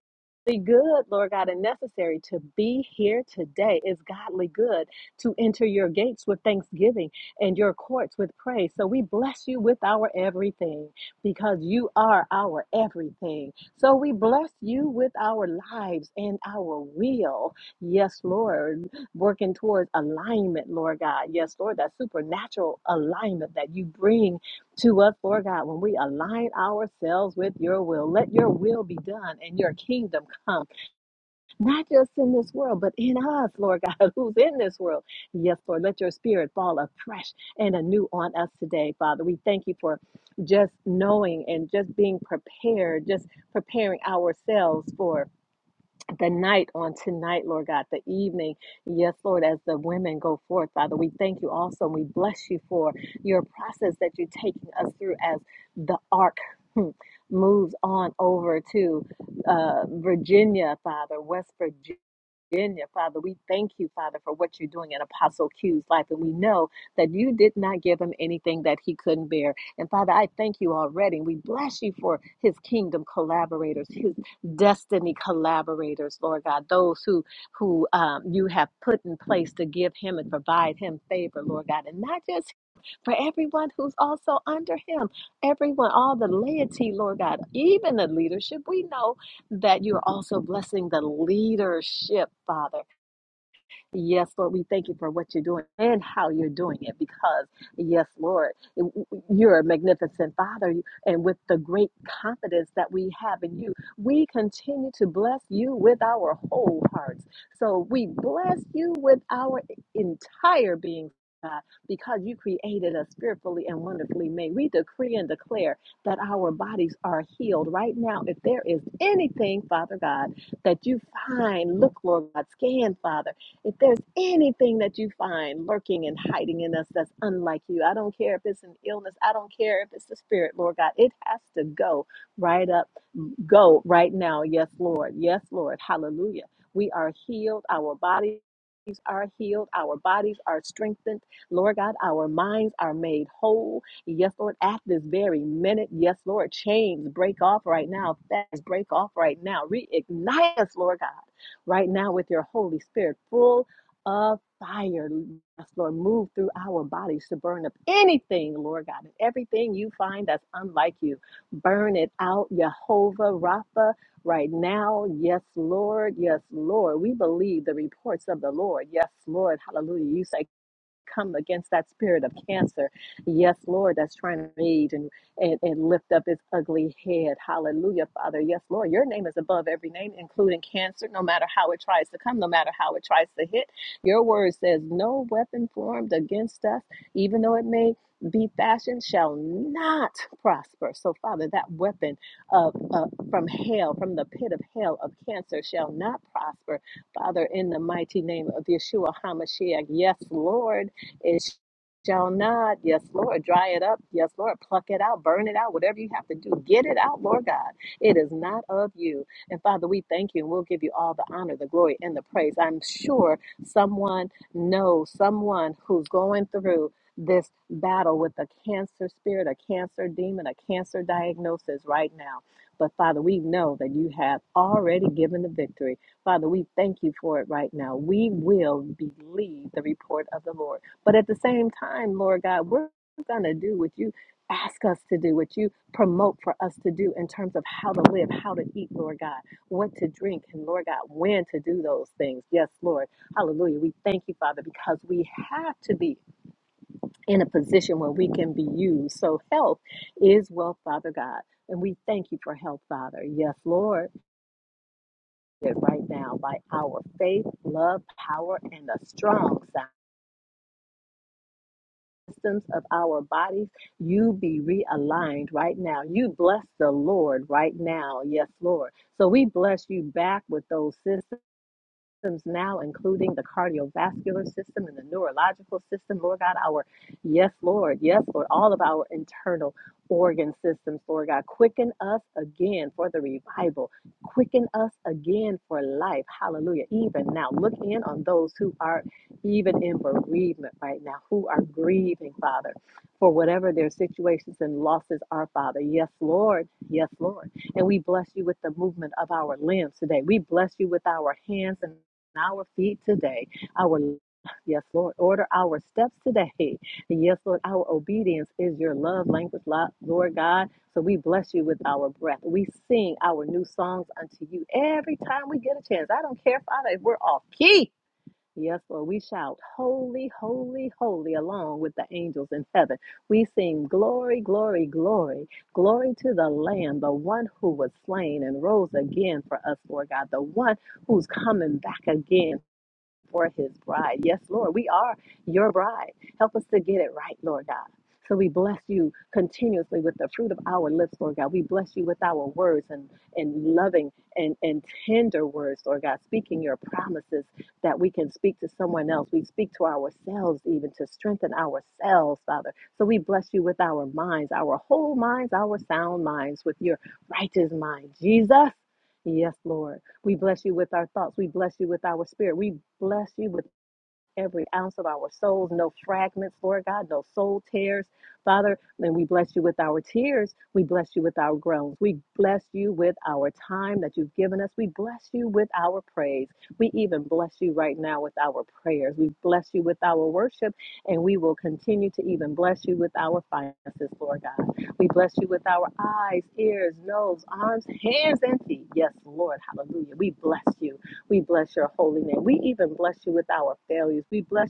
Speaker 5: good, Lord God, and necessary to be here today. It's godly good to enter your gates with thanksgiving and your courts with praise. So we bless you with our everything because you are our everything. So we bless you with our lives and our will. Yes, Lord, working towards alignment, Lord God. Yes, Lord, that supernatural alignment that you bring to us, Lord God, when we align ourselves with your will. Let your will be done and your kingdom come, not just in this world, but in us, Lord God, who's in this world. Yes, Lord, let your spirit fall afresh and anew on us today, Father. We thank you for just knowing and just being prepared, just preparing ourselves for the night on tonight, Lord God, the evening. Yes, Lord, as the women go forth, Father, we thank you also and we bless you for your process that you're taking us through as the ark. hmm, Moves on over to uh, Virginia, Father, West Virginia. Virginia, Father. We thank you, Father, for what you're doing in Apostle Q's life. And we know that you did not give him anything that he couldn't bear. And Father, I thank you already. We bless you for his kingdom collaborators, his destiny collaborators, Lord God, those who who um, you have put in place to give him and provide him favor, Lord God, and not just for everyone who's also under him, everyone, all the laity, Lord God, even the leadership. We know that you're also blessing the leadership, Father Yes, Lord, we thank you for what you're doing and how you're doing it because, yes, Lord, you're a magnificent Father. And with the great confidence that we have in you, we continue to bless you with our whole hearts. So we bless you with our entire being. God, because you created us fearfully and wonderfully made, we decree and declare that our bodies are healed right now. If there is anything, Father God, that you find, look, Lord God, scan, Father if there's anything that you find lurking and hiding in us that's unlike you, I don't care if it's an illness, I don't care if it's the spirit, Lord God, it has to go right up, go right now. Yes, Lord. Yes, Lord. Hallelujah. We are healed. Our bodies are healed. Our bodies are strengthened. Lord God, our minds are made whole. Yes, Lord, at this very minute. Yes, Lord, chains break off right now. Fast break off right now. Reignite us, Lord God right now with your Holy Spirit, full of fire. Yes, Lord, move through our bodies to burn up anything, Lord God, and everything you find that's unlike you. Burn it out, Jehovah Rapha, right now. Yes, Lord. Yes, Lord. We believe the reports of the Lord. Yes, Lord. Hallelujah. You say come against that spirit of cancer. Yes, Lord, that's trying to rage and, and, and lift up its ugly head. Hallelujah, Father. Yes, Lord, your name is above every name, including cancer, no matter how it tries to come, no matter how it tries to hit. Your word says, No weapon formed against us, even though it may be fashioned, shall not prosper. So, Father, that weapon of, uh, from hell, from the pit of hell of cancer, shall not prosper. Father, in the mighty name of Yeshua HaMashiach, yes, Lord. It shall not. Yes, Lord. Dry it up. Yes, Lord. Pluck it out. Burn it out. Whatever you have to do, get it out, Lord God. It is not of you. And Father, we thank you and we'll give you all the honor, the glory, and the praise. I'm sure someone knows someone who's going through this battle with a cancer spirit, a cancer demon, a cancer diagnosis right now. But Father, we know that you have already given the victory. Father, we thank you for it right now. We will believe the report of the Lord. But at the same time, Lord God, we're going to do what you ask us to do, what you promote for us to do in terms of how to live, how to eat, Lord God, what to drink, and Lord God, when to do those things. Yes, Lord. Hallelujah. We thank you, Father, because we have to be in a position where we can be used. So health is wealth, Father God. And we thank you for health, Father. Yes, Lord. That Right now, by our faith, love, power, and a strong sound. systems of our bodies, you be realigned right now. You bless the Lord right now. Yes, Lord. So we bless you back with those systems systems now, including the cardiovascular system and the neurological system. Lord God, our yes, Lord, yes, Lord, all of our internal organ systems, Lord God, quicken us again for the revival, quicken us again for life. Hallelujah. Even now, look in on those who are even in bereavement right now, who are grieving, Father, for whatever their situations and losses are, Father. Yes, Lord, yes, Lord. And we bless you with the movement of our limbs today. We bless you with our hands and our feet today. Our yes, Lord, order our steps today. And yes, Lord, our obedience is your love language, Lo- Lord God. So we bless you with our breath. We sing our new songs unto you every time we get a chance. I don't care, Father, if we're off key. Yes, Lord, we shout, Holy, holy, holy, along with the angels in heaven. We sing, Glory, glory, glory, glory to the Lamb, the one who was slain and rose again for us, Lord God, the one who's coming back again for his bride. Yes, Lord, we are your bride. Help us to get it right, Lord God. So we bless you continuously with the fruit of our lips, Lord God. We bless you with our words and, and loving and, and tender words, Lord God, speaking your promises that we can speak to someone else. We speak to ourselves even to strengthen ourselves, Father. So we bless you with our minds, our whole minds, our sound minds, with your righteous mind. Jesus, yes, Lord. We bless you with our thoughts. We bless you with our spirit. We bless you with every ounce of our souls, no fragments, Lord God, no soul tears. Father, and we bless you with our tears. We bless you with our groans. We bless you with our time that you've given us. We bless you with our praise. We even bless you right now with our prayers. We bless you with our worship, and we will continue to even bless you with our finances, Lord God. We bless you with our eyes, ears, nose, arms, hands, and feet. Yes, Lord. Hallelujah. We bless you. We bless your holy name. We even bless you with our failures. We bless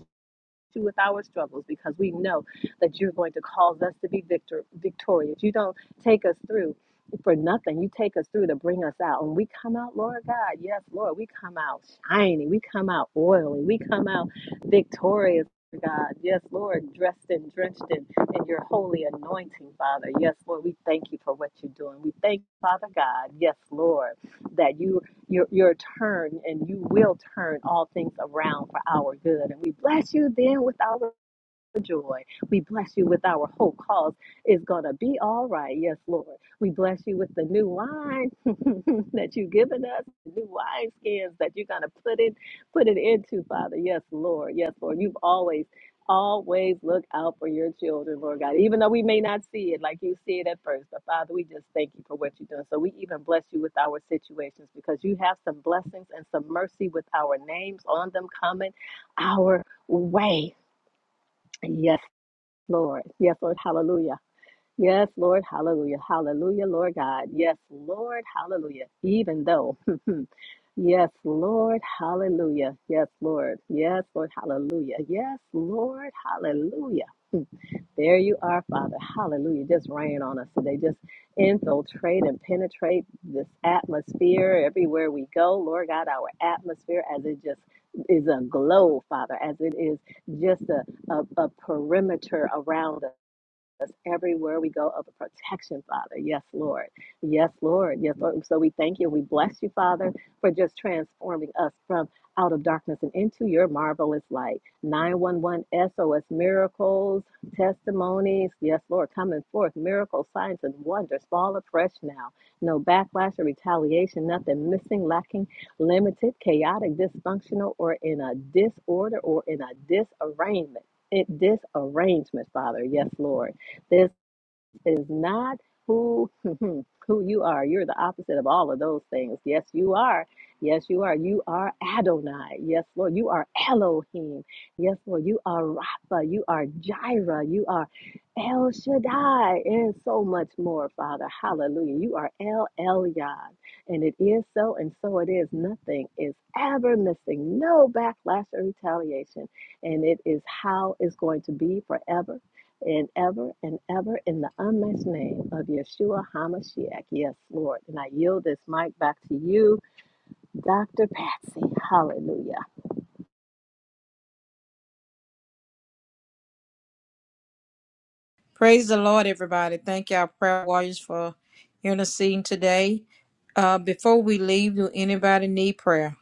Speaker 5: you with our struggles because we know that you're going to cause us to be victor- victorious. You don't take us through for nothing. You take us through to bring us out. And we come out, Lord God, yes, Lord, we come out shiny. We come out oily. We come out victorious. God, yes, Lord, dressed and drenched in, in your holy anointing, Father. Yes, Lord, we thank you for what you're doing. We thank you, Father God, yes, Lord, that you your your turn and you will turn all things around for our good and we bless you then with our joy. We bless you with our whole cause. It's going to be all right. Yes, Lord. We bless you with the new wine that you've given us, the new wine skins that you're going to put it, put it into, Father. Yes, Lord. Yes, Lord. You've always, always look out for your children, Lord God. Even though we may not see it like you see it at first, but Father, we just thank you for what you're doing. So we even bless you with our situations because you have some blessings and some mercy with our names on them coming our way. Yes, Lord. Yes, Lord. Hallelujah. Yes, Lord. Hallelujah. Hallelujah, Lord God. Yes, Lord. Hallelujah. Even though. yes, Lord. Hallelujah. Yes, Lord. Yes, Lord. Hallelujah. Yes, Lord. Hallelujah. There you are, Father. Hallelujah. Just rain on us today. Just infiltrate and penetrate this atmosphere everywhere we go. Lord God, our atmosphere as it just is a glow, Father, as it is just a, a, a perimeter around us us everywhere we go of a protection, Father. Yes, Lord. Yes, Lord. Yes, Lord. So we thank you. We bless you, Father, for just transforming us from out of darkness and into your marvelous light. 911 SOS miracles, testimonies. Yes, Lord, coming forth. Miracles, signs, and wonders. Fall afresh now. No backlash or retaliation. Nothing missing, lacking, limited, chaotic, dysfunctional, or in a disorder or in a disarrangement. It, disarrangement, Father. Yes, Lord. This is not who who you are. You're the opposite of all of those things. Yes, you are. Yes, you are. You are Adonai. Yes, Lord. You are Elohim. Yes, Lord. You are Rapha. You are Jireh. You are El Shaddai and so much more, Father. Hallelujah. You are El Elyon. And it is so, and so it is. Nothing is ever missing. No backlash or retaliation. And it is how it's going to be forever and ever and ever in the unmatched name of Yeshua HaMashiach. Yes, Lord. And I yield this mic back to you, Dr. Patsy. Hallelujah.
Speaker 1: Praise the Lord, everybody. Thank y'all, prayer warriors, for interceding today. Uh, before we leave, do anybody need prayer?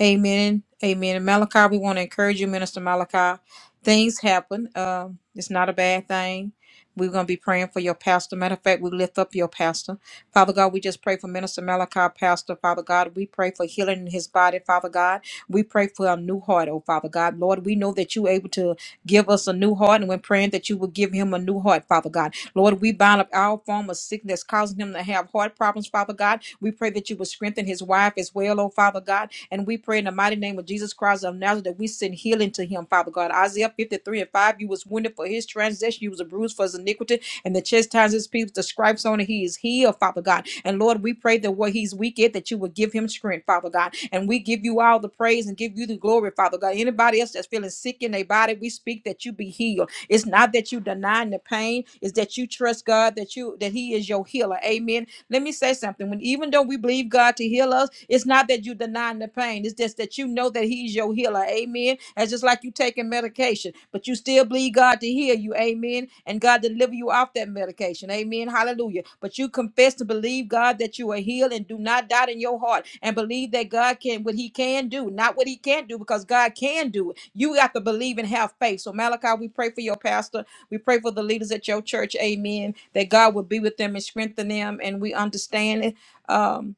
Speaker 1: Amen. Amen. And Malachi, we want to encourage you, Minister Malachi. Things happen. Um, it's not a bad thing. We're going to be praying for your pastor. Matter of fact, we lift up your pastor. Father God, we just pray for Minister Malachi, Pastor, Father God. We pray for healing in his body, Father God. We pray for a new heart, oh Father God. Lord, we know that you're able to give us a new heart, and we're praying that you will give him a new heart, Father God. Lord, we bind up our form of sickness causing him to have heart problems, Father God. We pray that you will strengthen his wife as well, oh Father God. And we pray in the mighty name of Jesus Christ of Nazareth that we send healing to him, Father God. Isaiah 53 and 5, you was wounded for his transgression transgression. You was bruised for his iniquity, and the chastisement his people, the stripes on it, he is healed, Father God. And Lord, we pray that where he's weak at, that you would give him strength, Father God. And we give you all the praise and give you the glory, Father God. Anybody else that's feeling sick in their body, we speak that you be healed. It's not that you denying the pain, it's that you trust God that you that He is your healer. Amen. Let me say something. When even though we believe God to heal us, it's not that you denying the pain, it's just that you know that He's your healer healer. Amen. That's just like you taking medication, but you still believe God to heal you. Amen. And God deliver you off that medication. Amen. Hallelujah. But you confess to believe God that you are healed and do not doubt in your heart and believe that God can what he can do, not what he can't do, because God can do it. You got to believe and have faith. So Malachi, we pray for your pastor. We pray for the leaders at your church. Amen. That God will be with them and strengthen them. And we understand it. Um,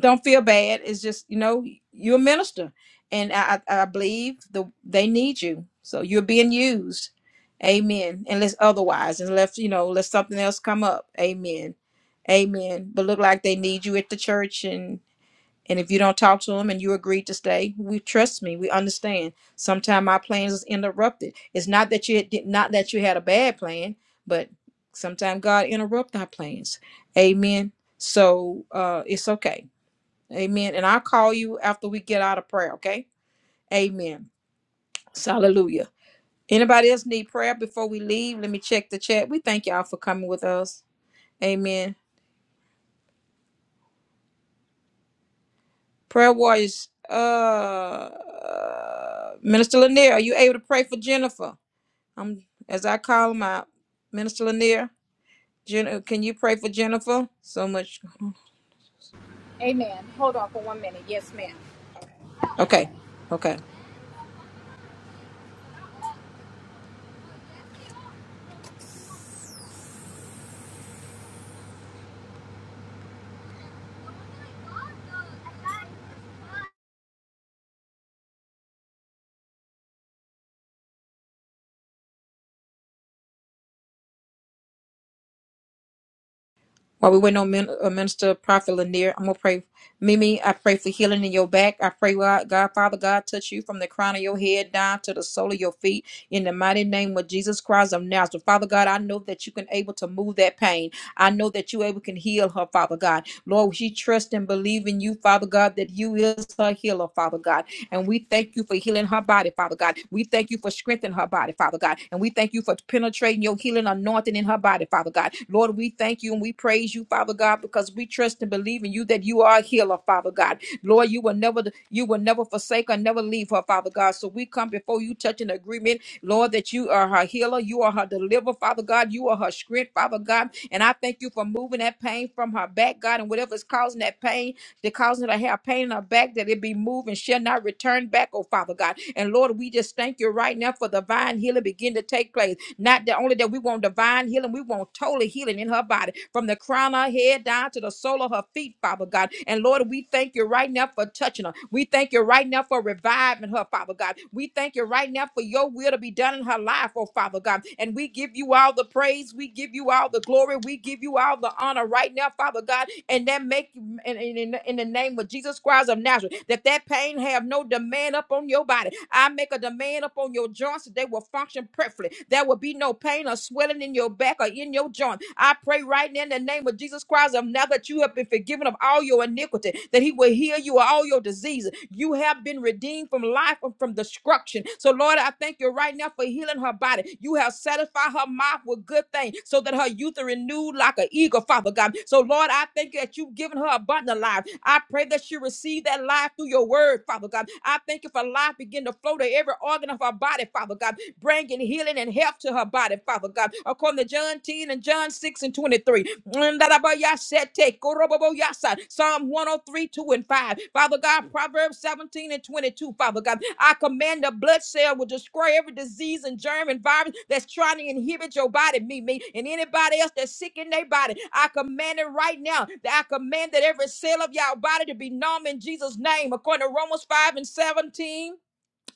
Speaker 1: don't feel bad. It's just you know you're a minister, and I I I believe the they need you, so you're being used. Amen. Unless otherwise, unless you know, unless something else come up. Amen. Amen. But look like they need you at the church, and and if you don't talk to them and you agree to stay, we trust me. We understand. Sometimes our plans is interrupted. It's not that you did not that you had a bad plan, but sometimes God interrupt our plans. Amen. So uh, it's okay Amen. And I'll call you after we get out of prayer, okay? Amen. So, Hallelujah. Anybody else need prayer before we leave? Let me check the chat. We thank y'all for coming with us. Amen. Prayer warriors, uh Minister Lanier, are you able to pray for Jennifer? Um, as I call him out. Minister Lanier, Jen- uh, can you pray for Jennifer? So much.
Speaker 2: Amen. Hold on for one minute. Yes, ma'am.
Speaker 1: Okay, Okay. While we wait on Min- uh, Minister Prophet Lanier, I'm gonna pray. Mimi, I pray for healing in your back. I pray, God, God, Father God, touch you from the crown of your head down to the sole of your feet in the mighty name of Jesus Christ of Nazareth. Father God, I know that you can able to move that pain. I know that you able can heal her, Father God. Lord, she trusts and believe in you, Father God, that you is her healer, Father God. And we thank you for healing her body, Father God. We thank you for strengthening her body, Father God. And we thank you for penetrating your healing anointing in her body, Father God. Lord, we thank you and we praise you, Father God, because we trust and believe in you that you are a healer, Father God. Lord, you will never you will never forsake her, never leave her, Father God. So we come before you touching agreement, Lord, that you are her healer, you are her deliverer, Father God. You are her strength, Father God. And I thank you for moving that pain from her back, God, and whatever is causing that pain that causing her to have pain in her back, that it be moved and shall not return back, oh Father God. And Lord, we just thank you right now for divine healing begin to take place. Not that only that we want divine healing, we want total healing in her body from the crown of her head down to the sole of her feet, Father God. And Lord, we thank you right now for touching her. We thank you right now for reviving her, Father God. We thank you right now for your will to be done in her life, oh Father God. And we give you all the praise, we give you all the glory, we give you all the honor right now, Father God. And that make you in, in, in in the name of Jesus Christ of Nazareth, that that pain have no demand upon your body. I make a demand upon your joints that they will will function perfectly. There will be no pain or swelling in your back or in your joint. I pray right now in the name of Jesus Christ of now that you have been forgiven of all your iniquity, that he will heal you of all your diseases. You have been redeemed from life and from destruction. So, Lord, I thank you right now for healing her body. You have satisfied her mouth with good things so that her youth are renewed like an eagle, Father God. So, Lord, I thank you that you've given her abundant life. I pray that she receive that life through your word, Father God. I thank you for life begin to flow to every organ organ of her body, Father God, bringing healing and health to her body, Father God. According to John 10 and John 6 and 23. Ndarabayasete, koroboboyasa, Psalm 103, 2 and 5. Father God, Proverbs 17 and 22, Father God. I command the blood cell will destroy every disease and germ and virus that's trying to inhibit your body, me, me, and anybody else that's sick in their body. I command it right now. That I command that every cell of your body to be numb in Jesus' name, according to Romans 5 and 17.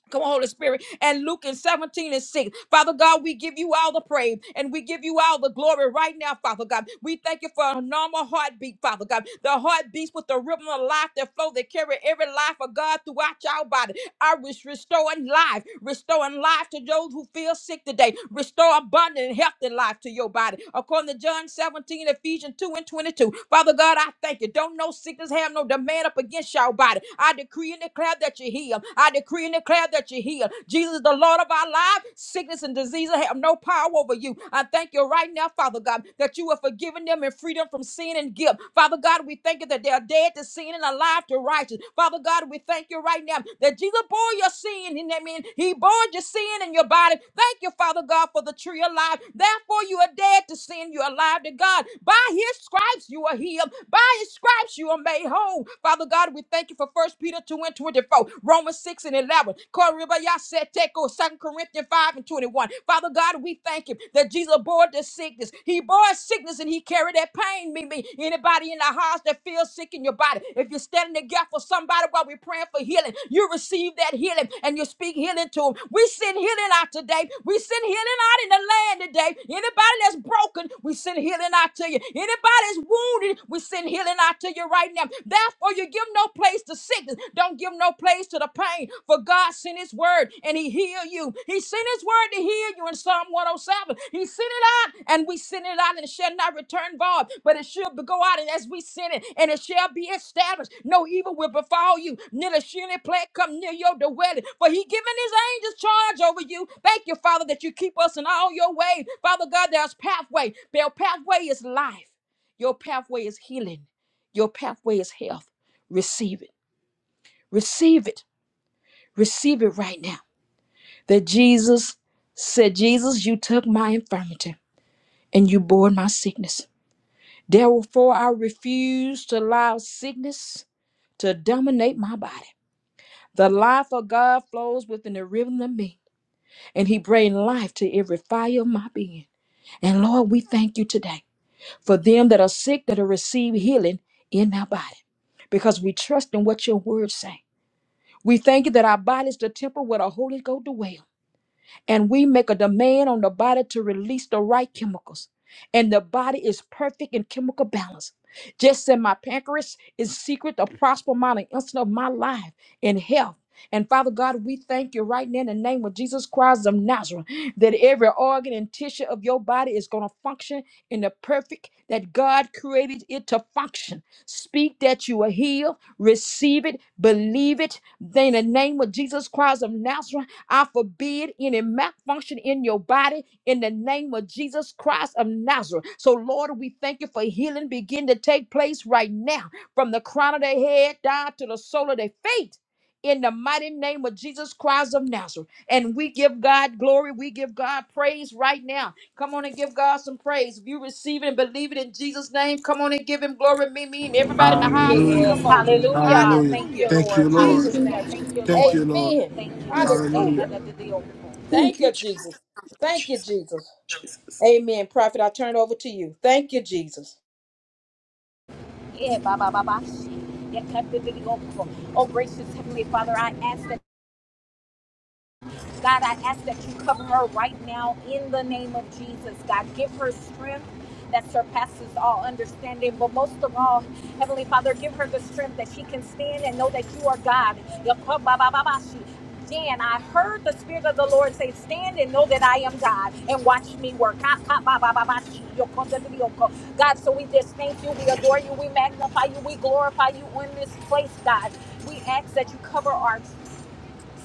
Speaker 1: Come on, Holy Spirit. And Luke in 17 and 6. Father God, we give you all the praise and we give you all the glory right now, Father God. We thank you for a normal heartbeat, Father God. The heart beats with the rhythm of life that flow, that carry every life of God throughout your body are res- restoring life, restoring life to those who feel sick today. Restore abundant and healthy life to your body. According to John 17, Ephesians 2 and 22. Father God, I thank you. Don't no sickness have no demand up against your body. I decree and declare that you heal. I decree and declare that you heal. Jesus, the Lord of our lives, sickness and disease have no power over you. I thank you right now, Father God, that you have forgiven them and freedom from sin and guilt. Father God, we thank you that they are dead to sin and alive to righteousness. Father God, we thank you right now that Jesus bore your sin. And I mean, He bore your sin in your body. Thank you, Father God, for the tree of life. Therefore, you are dead to sin. You are alive to God. By His stripes, you are healed. By His stripes, you are made whole. Father God, we thank you for First Peter 2 and 24, Romans 6 and 11, Corinthians 2 Corinthians 5 and 21. Father Lord God, we thank you that Jesus bore the sickness. He bore sickness and he carried that pain. Me, me. Anybody in the house that feels sick in your body, if you're standing in the gap for somebody while we're praying for healing, you receive that healing and you speak healing to them. We send healing out today. We send healing out in the land today. Anybody that's broken, we send healing out to you. Anybody that's wounded, we send healing out to you right now. Therefore, you give no place to sickness. Don't give no place to the pain. For God sent his word and he healed you. He sent his word to heal you in Psalm 107. He sent it out and we sent it out and it shall not return void, but it shall go out and as we sent it and it shall be established. No evil will befall you. Neither shall any plague come near your dwelling. For he given his angels charge over you. Thank you, Father, that you keep us in all your ways. Father God, there's pathway. Their pathway is life. Your pathway is healing. Your pathway is health. Receive it. Receive it. Receive it right now. That Jesus said, Jesus, you took my infirmity and you bore my sickness. Therefore, I refuse to allow sickness to dominate my body. The life of God flows within the rhythm of me, and He brings life to every fire of my being. And Lord, we thank you today for them that are sick that will receive healing in our body, because we trust in what your words say. We thank you that our body is the temple where the Holy Ghost dwells. and we make a demand on the body to release the right chemicals. And the body is perfect in chemical balance. Just as my pancreas is secret to prosper my the instant of my life in health. And Father God, we thank you right now in the name of Jesus Christ of Nazareth that every organ and tissue of your body is going to function in the perfect that God created it to function. Speak that you are healed, receive it, believe it. Then in the name of Jesus Christ of Nazareth. I forbid any malfunction in your body in the name of Jesus Christ of Nazareth. So, Lord, we thank you for healing begin to take place right now from the crown of their head down to the sole of their feet. In the mighty name of Jesus Christ of Nazareth. And we give God glory. We give God praise right now. Come on and give God some praise. If you receive it and believe it in Jesus' name, come on and give him glory. Me, me, and everybody in the house, give your
Speaker 4: Hallelujah.
Speaker 2: Yes.
Speaker 1: emoji.
Speaker 2: Hallelujah.
Speaker 4: Hallelujah.
Speaker 2: Thank you,
Speaker 1: Hallelujah.
Speaker 4: Thank
Speaker 2: Lord.
Speaker 4: you, Lord.
Speaker 1: Jesus'
Speaker 3: Hallelujah.
Speaker 2: Hallelujah.
Speaker 1: name.
Speaker 2: Thank you,
Speaker 4: Thank
Speaker 2: Lord.
Speaker 4: you, Lord.
Speaker 1: Amen.
Speaker 2: Thank you,
Speaker 1: Hallelujah.
Speaker 4: Hallelujah.
Speaker 2: Lord.
Speaker 3: Thank
Speaker 1: Thank
Speaker 3: you,
Speaker 1: you, Jesus. Thank you,
Speaker 3: Jesus.
Speaker 1: Jesus.
Speaker 3: Jesus.
Speaker 1: Amen. Prophet, I turn it over to you. Thank you, Jesus.
Speaker 2: Yeah, ba ba Yeah, cut the video. Oh, gracious Heavenly Father, I ask that. God, I ask that you cover her right now in the name of Jesus. God, give her strength that surpasses all understanding. But most of all, Heavenly Father, give her the strength that she can stand and know that you are God. Dan, I heard the Spirit of the Lord say, Stand and know that I am God and watch me work. God, so we just thank you, we adore you, we magnify you, we glorify you in this place, God. We ask that you cover our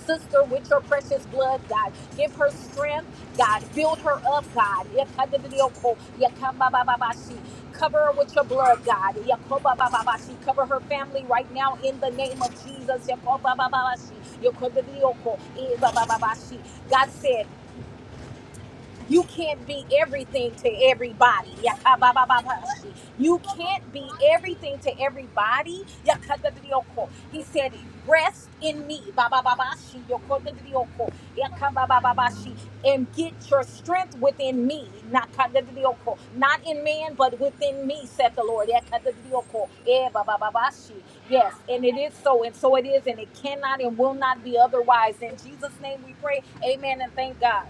Speaker 2: sister with your precious blood, God. Give her strength, God. Build her up, God. Yakadidiyoko, yakababababashi. Cover her with your blood, God. Yakobabababashi. Cover her family right now in the name of Jesus. Yakobabababashi. Yakodidiyoko, ibabababashi. God said, you can't be everything to everybody. Yakababababa. You can't be everything to everybody. Yakadadadioko. He said, Rest in me babababashi, yokodadadioko, yakababababashi, and get your strength within me. Nakadadadioko. Not in man, but within me, said the Lord. Yakadadadioko, eh, babababashi. Yes, and it is so, and so it is, and it cannot and will not be otherwise. In Jesus' name we pray. Amen and thank God.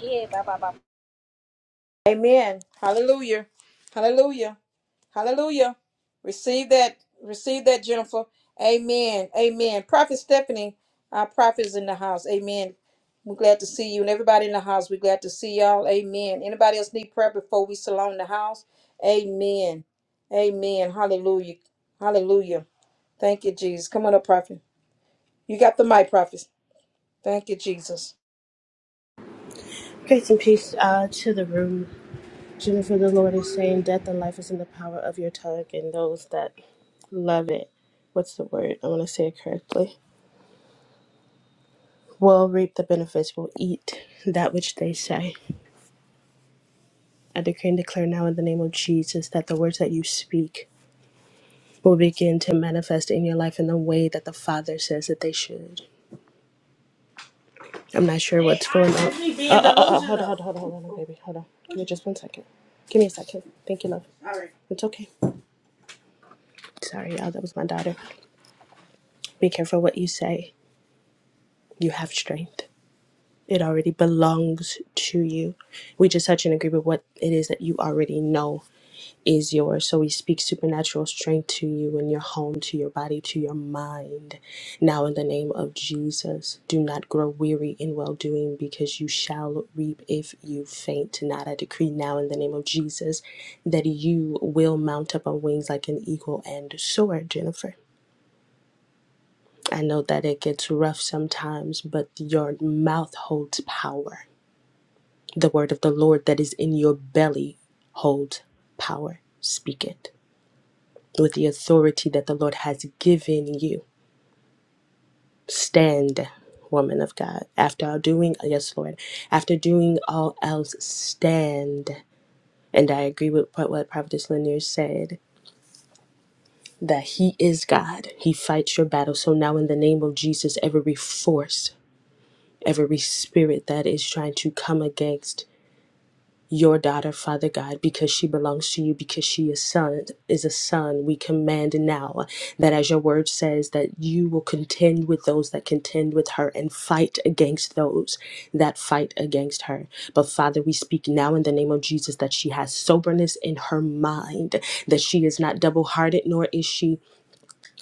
Speaker 2: Yeah, bye bye bye.
Speaker 1: Amen. Hallelujah. Hallelujah. Hallelujah. Receive that. Receive that, Jennifer. Amen. Amen. Prophet Stephanie, our prophet is in the house. Amen. We're glad to see you. And everybody in the house, we're glad to see y'all. Amen. Anybody else need prayer before we salon the house? Amen. Amen. Hallelujah. Hallelujah. Thank you, Jesus. Come on up, prophet. You got the mic, prophet. Thank you, Jesus.
Speaker 6: Grace and peace uh, to the room. Jennifer, the Lord is saying, Death and life is in the power of your tongue, and those that love it. What's the word? I want to say it correctly. Will reap the benefits, will eat that which they say. I decree and declare now in the name of Jesus that the words that you speak will begin to manifest in your life in the way that the Father says that they should. I'm not sure what's going on. Uh, uh, uh, uh, hold on, hold on, hold on, hold on, baby. Hold on. Give me just one second. Give me a second. Thank you, love. All right. It's okay. Sorry, y'all, that was my daughter. Be careful what you say. You have strength. It already belongs to you. We just touch and agree with what it is that you already know is yours. So we speak supernatural strength to you and your home, to your body, to your mind. Now, in the name of Jesus, do not grow weary in well doing because you shall reap if you faint not. I decree now, in the name of Jesus, that you will mount up on wings like an eagle and soar, Jennifer. I know that it gets rough sometimes, but your mouth holds power. The word of the Lord that is in your belly holds power. Speak it with the authority that the Lord has given you. Stand, woman of God. After all doing, yes, Lord, after doing all else, stand. And I agree with what, what Prophetess Lanier said that He is God. He fights your battle. So now, in the name of Jesus, every force every spirit that is trying to come against your daughter, Father God, because she belongs to you, because she is son is a son. We command now that as your word says, that you will contend with those that contend with her and fight against those that fight against her. But Father, we speak now in the name of Jesus that she has soberness in her mind, that she is not double hearted, nor is she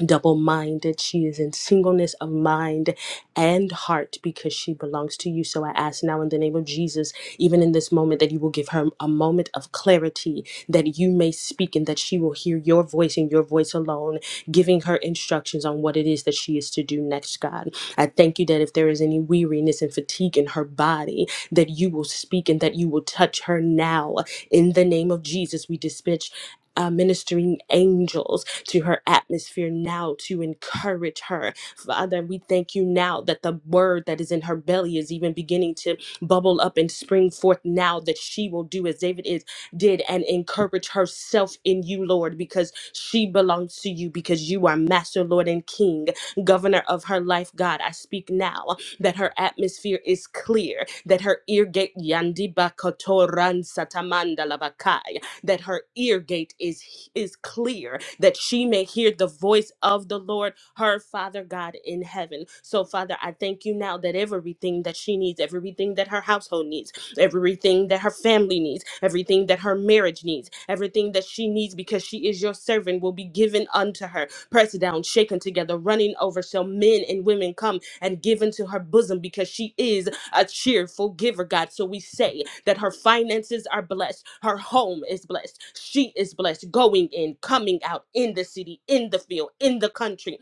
Speaker 6: double minded. She is in singleness of mind and heart because she belongs to you. So I ask now in the name of Jesus, even in this moment, that you will give her a moment of clarity, that you may speak and that she will hear your voice and your voice alone, giving her instructions on what it is that she is to do next, God. I thank you that if there is any weariness and fatigue in her body, that you will speak and that you will touch her now. In the name of Jesus, we dispatch uh, ministering angels to her atmosphere now to encourage her. Father, we thank you now that the word that is in her belly is even beginning to bubble up and spring forth now that she will do as David is did and encourage herself in you, Lord, because she belongs to you, because you are master, Lord, and King, governor of her life, God. I speak now that her atmosphere is clear, that her ear gate yandi bakato ran satamanda lavakai that her ear gate is is clear that she may hear the voice of the Lord her father God in heaven so father I thank you now that everything that she needs everything that her household needs everything that her family needs everything that her marriage needs everything that she needs because she is your servant will be given unto her pressed down shaken together running over shall men and women come and give into her bosom because she is a cheerful giver, God. So we say that her finances are blessed, her home is blessed, she is blessed, going in, coming out in the city, in the field, in the country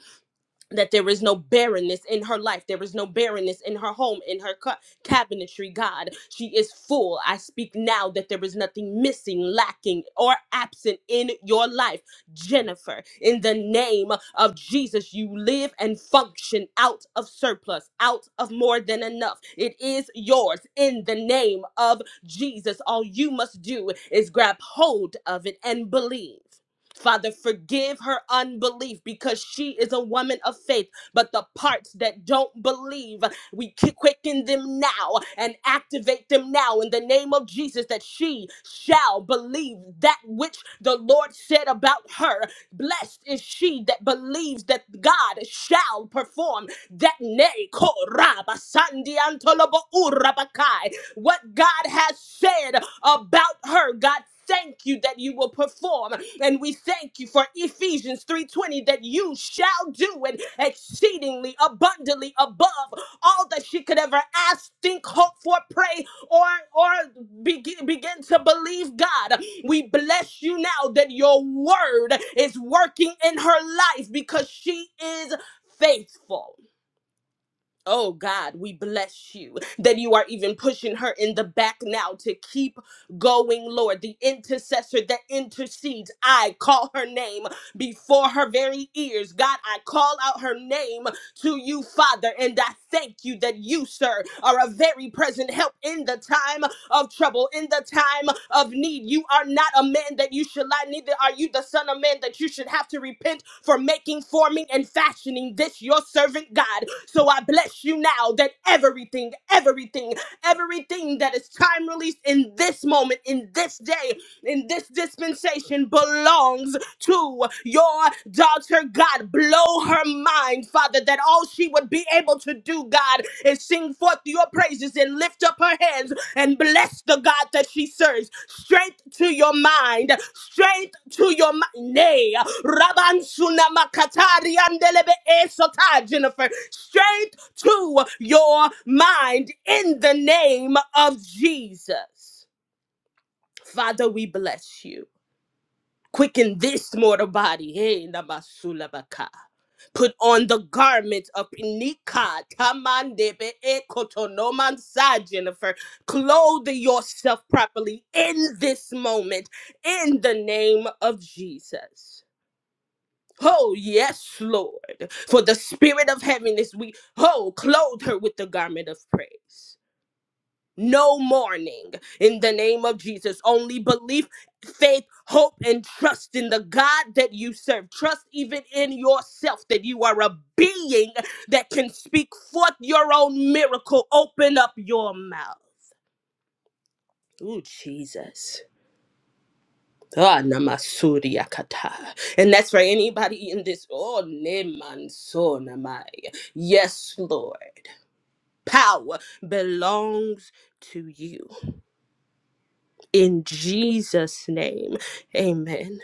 Speaker 6: that there is no barrenness in her life. There is no barrenness in her home, in her ca- cabinetry, God. She is full. I speak now that there is nothing missing, lacking, or absent in your life. Jennifer, in the name of Jesus, you live and function out of surplus, out of more than enough. It is yours in the name of Jesus. All you must do is grab hold of it and believe. Father, forgive her unbelief because she is a woman of faith. But the parts that don't believe, we quicken them now and activate them now in the name of Jesus that she shall believe that which the Lord said about her. Blessed is she that believes that God shall perform that nay, ko raba sandi antolobo urabakai. what God has said about her, God. Thank you that you will perform, and we thank you for Ephesians 3:20 that you shall do it exceedingly abundantly above all that she could ever ask, think, hope for, pray, or or begin, begin to believe God. We bless you now that your word is working in her life because she is faithful. Oh God, we bless you that you are even pushing her in the back now to keep going, Lord. The intercessor that intercedes, I call her name before her very ears. God, I call out her name to you, Father, and I thank you that you, sir, are a very present help in the time of trouble, in the time of need. You are not a man that you should lie, neither are you the son of man that you should have to repent for making, forming, and fashioning this your servant God. So I bless you now that everything, everything, everything that is time released in this moment, in this day, in this dispensation belongs to your daughter, God. Blow her mind, Father, that all she would be able to do, God, is sing forth your praises and lift up her hands and bless the God that she serves. Strength to your mind, strength to your mind. Nay, Rabansuna Makatari Andelebe Esota, Jennifer. Strength to your mind in the name of Jesus. Father, we bless you. Quicken this mortal body. Hey, namasulabaka. Put on the garment of Nika Tamandebe Ekotonomansa, Jennifer. Clothe yourself properly in this moment in the name of Jesus. Oh, yes, Lord. For the spirit of heaviness, we oh clothe her with the garment of praise. No mourning in the name of Jesus. Only belief, faith, hope, and trust in the God that you serve. Trust even in yourself that you are a being that can speak forth your own miracle. Open up your mouth. Ooh, Jesus. Ah, namasuri akata. And that's for anybody in this. Oh, nemanso namai. Yes, Lord. Power belongs to you. in Jesus' name. Amen.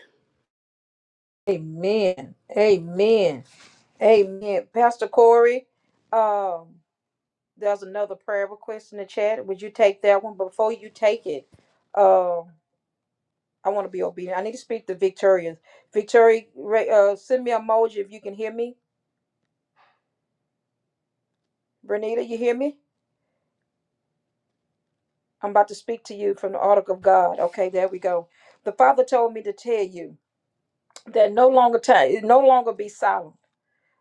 Speaker 1: Amen. Amen. Amen. Pastor Corey, um, there's another prayer request in the chat. Would you take that one? Before you take it, uh, I want to be obedient. I need to speak to Victoria. Victoria, ra- uh, send me an emoji if you can hear me. Bernita, you hear me? I'm about to speak to you from the article of God. Okay, there we go. The Father told me to tell you that no longer time, no longer be silent.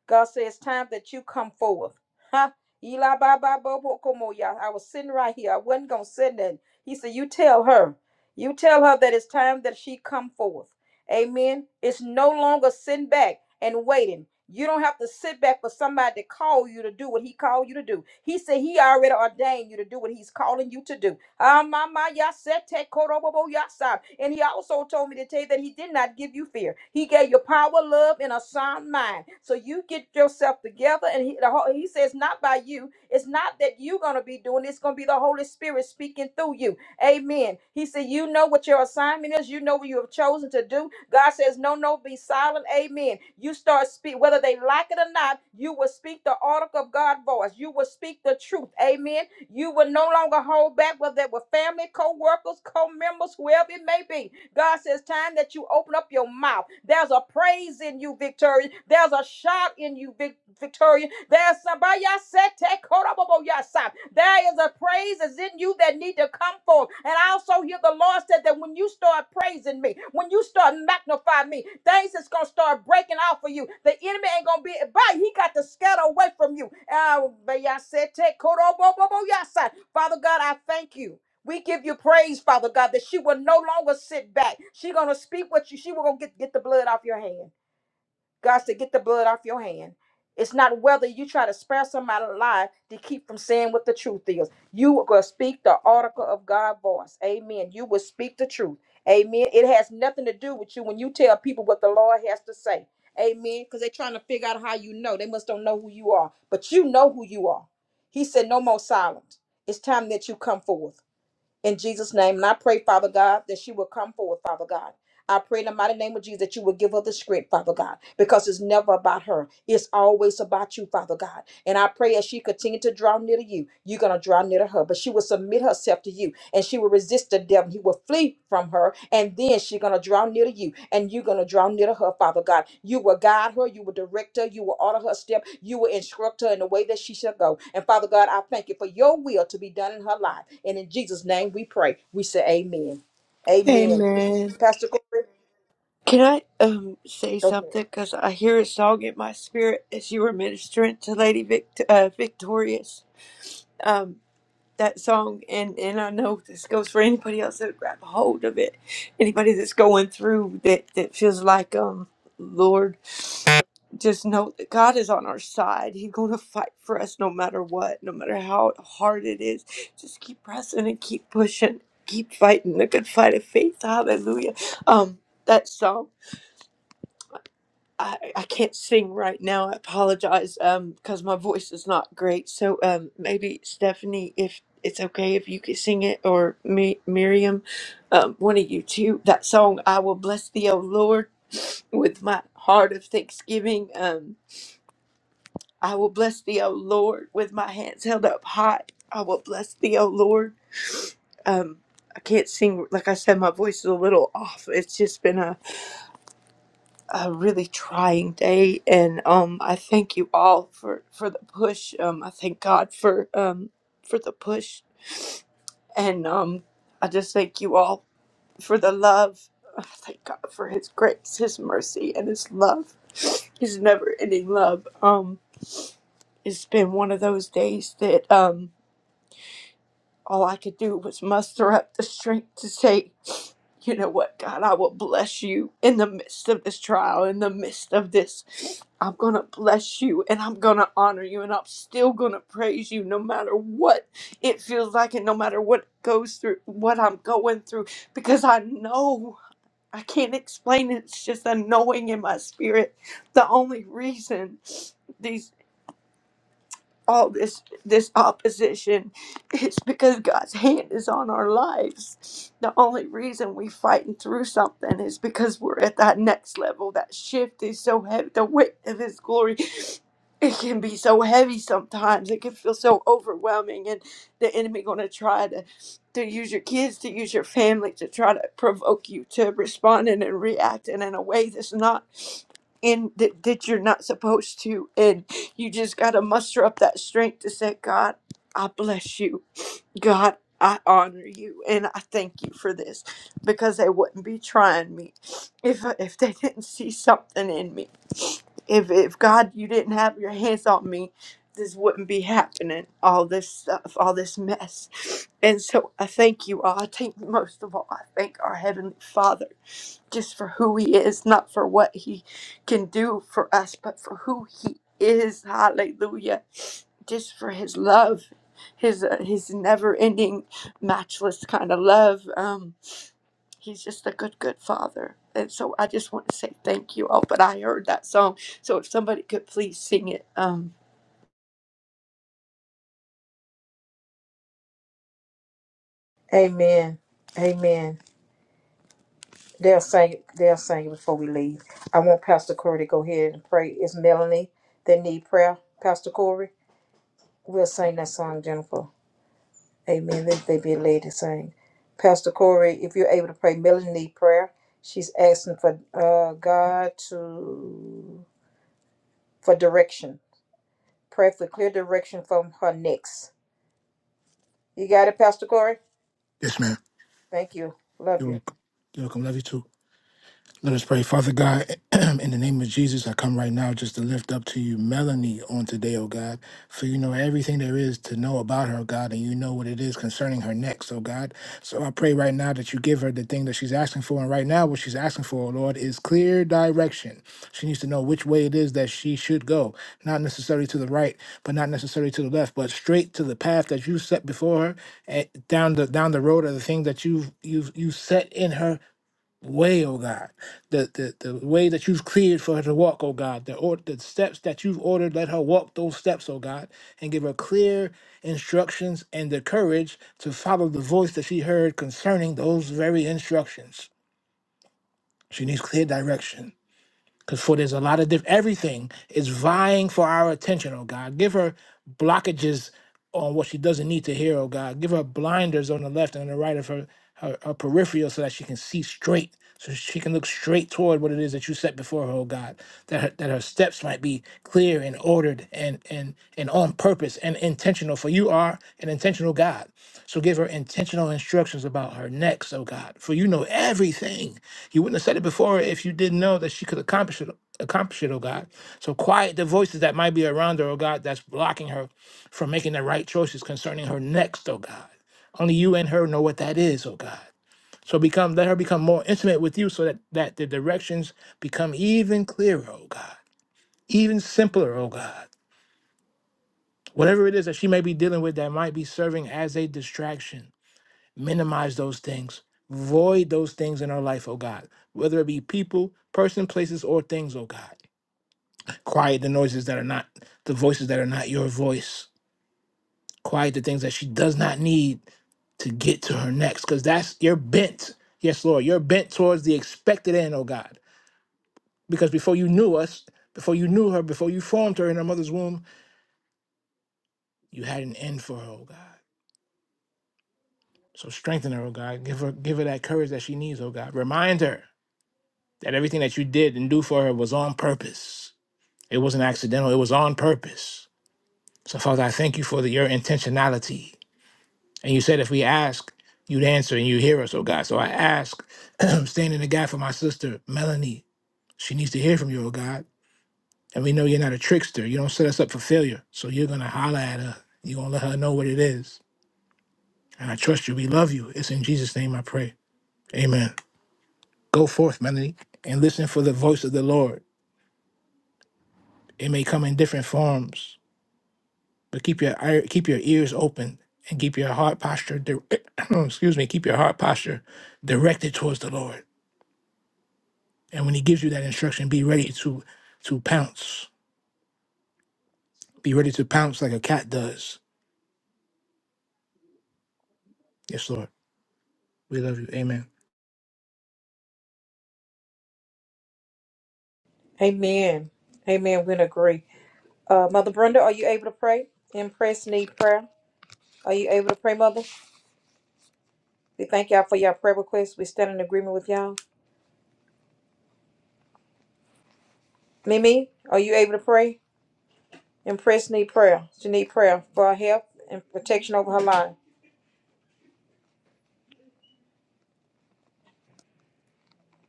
Speaker 1: God says, it's time that you come forth. Huh? Eli ba ba bo bo komo ya. I was sitting right here. I wasn't gonna sit it. He said, You tell her. You tell her that it's time that she come forth. Amen. It's no longer sitting back and waiting. You don't have to sit back for somebody to call you to do what he called you to do. He said he already ordained you to do what he's calling you to do. Ah, my, my, ya said, te korobobo ya sa. And he also told me to tell you that he did not give you fear. He gave you power, love, and a sound mind. So you get yourself together. And he, the, Hol- he says, not by you. It's not that you're going to be doing it. It's going to be the Holy Spirit speaking through you. Amen. He said, You know what your assignment is. You know what you have chosen to do. God says, No, no, be silent. Amen. You start speak, whether they like it or not, you will speak the article of God's voice. You will speak the truth. Amen. You will no longer hold back, whether they were family, co workers, co members, whoever it may be. God says, time that you open up your mouth, there's a praise in you, Victoria. There's a shout in you, Vic- Victoria. There's somebody I said, take hold up about your side. There is a praise is in you that need to come forth. And I also hear the Lord said that when you start praising me, when you start magnifying me, things is gonna start breaking out for you. The enemy ain't gonna be by. He got to scatter away from you. Uh, but y'all said, take hold up about your side. Father God, I thank you. We give you praise, Father God, that she will no longer sit back. She gonna speak what you. She will gonna get get the blood off your hand. God said, get the blood off your hand. It's not whether you try to spare somebody alive to keep from saying what the truth is. You are gonna speak the article of God's voice. Amen. You will speak the truth. Amen. It has nothing to do with you when you tell people what the Lord has to say. Amen. Because they're trying to figure out how you know. They must don't know who you are, but you know who you are. He said, no more silence. It's time that you come forth in Jesus' name. And I pray, Father God, that she will come forward, Father God. I pray in the mighty name of Jesus that you will give her the strength, Father God, because it's never about her. It's always about you, Father God. And I pray as she continued to draw near to you, you're going to draw near to her. But she will submit herself to you and she will resist the devil. He will flee from her. And then she's going to draw near to you and you're going to draw near to her, Father God. You will guide her. You will direct her. You will order her step. You will instruct her in the way that she shall go. And Father God, I thank you for your will to be done in her life. And in Jesus' name we pray. We say amen. Amen.
Speaker 3: Amen.
Speaker 1: Pastor Glory,
Speaker 7: Can I um say
Speaker 1: go ahead.
Speaker 7: something? Because I hear a song in my spirit as you were ministering to Lady Vict- uh, Victorious. Um, that song, and and I know this goes for anybody else that grab hold of it. Anybody that's going through that that feels like um, Lord, just know that God is on our side. He's going to fight for us no matter what, no matter how hard it is. Just keep pressing and keep pushing, keep fighting the good fight of faith. Hallelujah. Um, that song. I, I can't sing right now. I apologize um because my voice is not great. So um maybe Stephanie, if it's okay if you could sing it or me Miriam, um one of you two. That song I will bless thee, O Lord, with my heart of thanksgiving. Um I will bless thee, O Lord, with my hands held up high. I will bless thee, O Lord. Um I can't sing like I said, my voice is a little off. It's just been a a really trying day and um I thank you all for for the push. Um I thank God for um for the push and um I just thank you all for the love. I thank God for his grace, his mercy and his love. His never-ending love. Um it's been one of those days that um all I could do was muster up the strength to say you know what, God, I will bless you in the midst of this trial, in the midst of this I'm going to bless you and I'm going to honor you and I'm still going to praise you no matter what it feels like and no matter what goes through what I'm going through because I know I can't explain it. It's just a knowing in my spirit. The only reason these all this this opposition it's because god's hand is on our lives the only reason we fighting through something is because we're at that next level that shift is so heavy the weight of his glory it can be so heavy sometimes it can feel so overwhelming and the enemy going to try to to use your kids to use your family to try to provoke you to respond in and react in a way that's not and that, that you're not supposed to. And you just got to muster up that strength to say, God, I bless you. God, I honor you. And I thank you for this because they wouldn't be trying me if, if they didn't see something in me. If, if God, you didn't have your hands on me, this wouldn't be happening. All this stuff, all this mess. And so I thank you all. I thank most of all, I thank our Heavenly Father just for who he is, not for what he can do for us, but for who he is. Hallelujah. Just for his love, his uh, his never-ending, matchless kind of love. Um, he's just a good, good father. And so I just want to say thank you all. But I heard that song, so if somebody could please sing it. Um,
Speaker 1: Amen. Amen. They'll sing. They'll sing before we leave. I want Pastor Corey to go ahead and pray. It's Melanie that need prayer. Pastor Corey, we'll sing that song, Jennifer. Amen. Let they be led to sing. Pastor Corey, if you're able to pray, Melanie need prayer. She's asking for uh, God to for direction. Pray for clear direction from her next. You got it, Pastor Corey.
Speaker 4: Yes, ma'am.
Speaker 1: Thank you. Love
Speaker 4: You're
Speaker 1: you.
Speaker 4: welcome. You're welcome. Love you too. Let us pray. Father God, in the name of Jesus, I come right now just to lift up to you Melanie on today, oh God. For you know everything there is to know about her, oh God, and you know what it is concerning her next, oh God. So I pray right now that you give her the thing that she's asking for. And right now, what she's asking for, oh Lord, is clear direction. She needs to know which way it is that she should go, not necessarily to the right, but not necessarily to the left, but straight to the path that you set before her, eh, down the down the road of the thing that you've you've you set in her way, oh God, the, the, the way that you've cleared for her to walk, oh God, the, or, the steps that you've ordered, let her walk those steps, oh God, and give her clear instructions and the courage to follow the voice that she heard concerning those very instructions. She needs clear direction. Because for there's a lot of different, everything is vying for our attention, oh God. Give her blockages on what she doesn't need to hear, oh God. Give her blinders on the left and on the right of her, her, her peripheral so that she can see straight, so she can look straight toward what it is that you set before her, oh God. That her, that her steps might be clear and ordered and, and, and on purpose and intentional, for you are an intentional God. So give her intentional instructions about her next, oh God, for you know everything you wouldn't have said it before if you didn't know that she could accomplish it, accomplish it, oh God. So quiet the voices that might be around her, oh God, that's blocking her from making the right choices concerning her next, oh God. Only you and her know what that is, oh God. So become let her become more intimate with you so that, that the directions become even clearer, oh God, even simpler, oh God. Whatever it is that she may be dealing with that might be serving as a distraction minimize those things, void those things in our life, oh God, whether it be people, person, places, or things, oh God. Quiet the noises that are not, the voices that are not your voice. Quiet the things that she does not need to get to her next, because that's your bent. Yes, Lord, you're bent towards the expected end, oh God. Because before you knew us, before you knew her, before you formed her in her mother's womb, you had an end for her, oh God. So strengthen her, oh God. Give her give her that courage that she needs, oh God. Remind her That everything that you did and do for her was on purpose. It wasn't accidental, it was on purpose. So, Father, I thank you for the, your intentionality. And you said if we ask, you'd answer and you hear us, oh God. So I ask, standing in the gap for my sister, Melanie. She needs to hear from you, oh God. And we know you're not a trickster. You don't set us up for failure. So you're going to holler at her. You're going to let her know what it is. And I trust you. We love you. It's in Jesus' name I pray. Amen. Go forth, Melanie, and listen for the voice of the Lord. It may come in different forms. but keep your ear- keep your ears open and keep your heart posture di- excuse me keep your heart posture directed towards the lord and when he gives you that instruction be ready to to pounce be ready to pounce like a cat does yes lord we love you amen
Speaker 1: Amen. Amen. We agree. Uh, Mother Brenda, are you able to pray? Impress need prayer. Are you able to pray, Mother? We thank y'all for your prayer requests. We stand in agreement with y'all. Mimi, are you able to pray? And Prince need prayer. She need prayer for her health and protection over her line.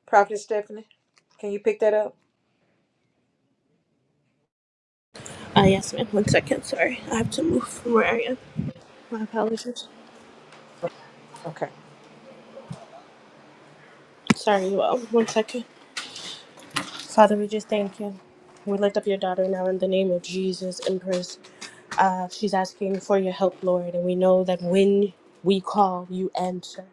Speaker 1: Prophet Stephanie, can you pick that up?
Speaker 6: Uh, yes, ma'am. One second. Sorry. I have to move from where I am. My apologies.
Speaker 1: Okay.
Speaker 6: Sorry, you all. One second. Father, we just thank you. We lift up your daughter now in the name of Jesus, Empress. Uh, she's asking for your help, Lord, and we know that when we call, you answer.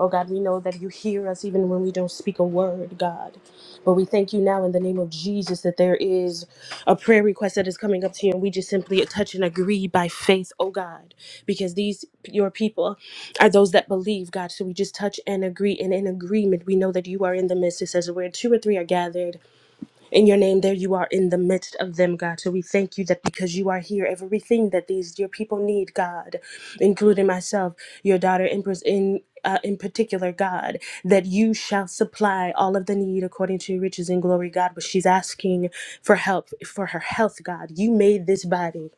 Speaker 6: Oh God, we know that you hear us even when we don't speak a word, God. But we thank you now in the name of Jesus that there is a prayer request that is coming up to you, and we just simply touch and agree by faith, oh God, because these your people are those that believe, God. So we just touch and agree, and in agreement, we know that you are in the midst. It says, where two or three are gathered in your name, there you are in the midst of them, God. So we thank you that because you are here, everything that these dear people need, God, including myself, your daughter, Empress, in uh, in particular, God, that you shall supply all of the need according to your riches and glory, God. But she's asking for help for her health, God. You made this body.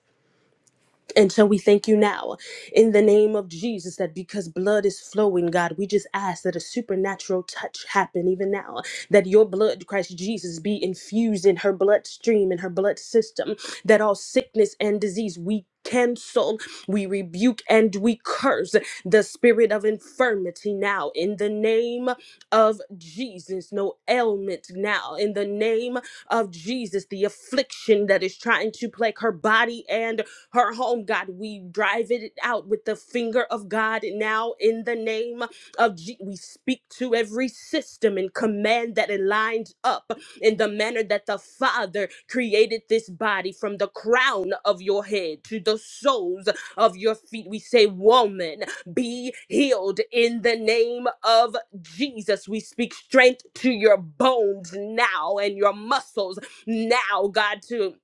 Speaker 6: And so we thank you now in the name of Jesus that because blood is flowing, God, we just ask that a supernatural touch happen even now. That your blood, Christ Jesus, be infused in her bloodstream, in her blood system, that all sickness and disease we cancel, we rebuke, and we curse the spirit of infirmity now in the name of Jesus. No ailment now in the name of Jesus, the affliction that is trying to plague her body and her home, God. We drive it out with the finger of God now in the name of Je- we speak to every system and command that it lines up in the manner that the Father created this body from the crown of your head to the soles of your feet. We say, Woman, be healed in the name of Jesus. We speak strength to your bones now and your muscles now, God, To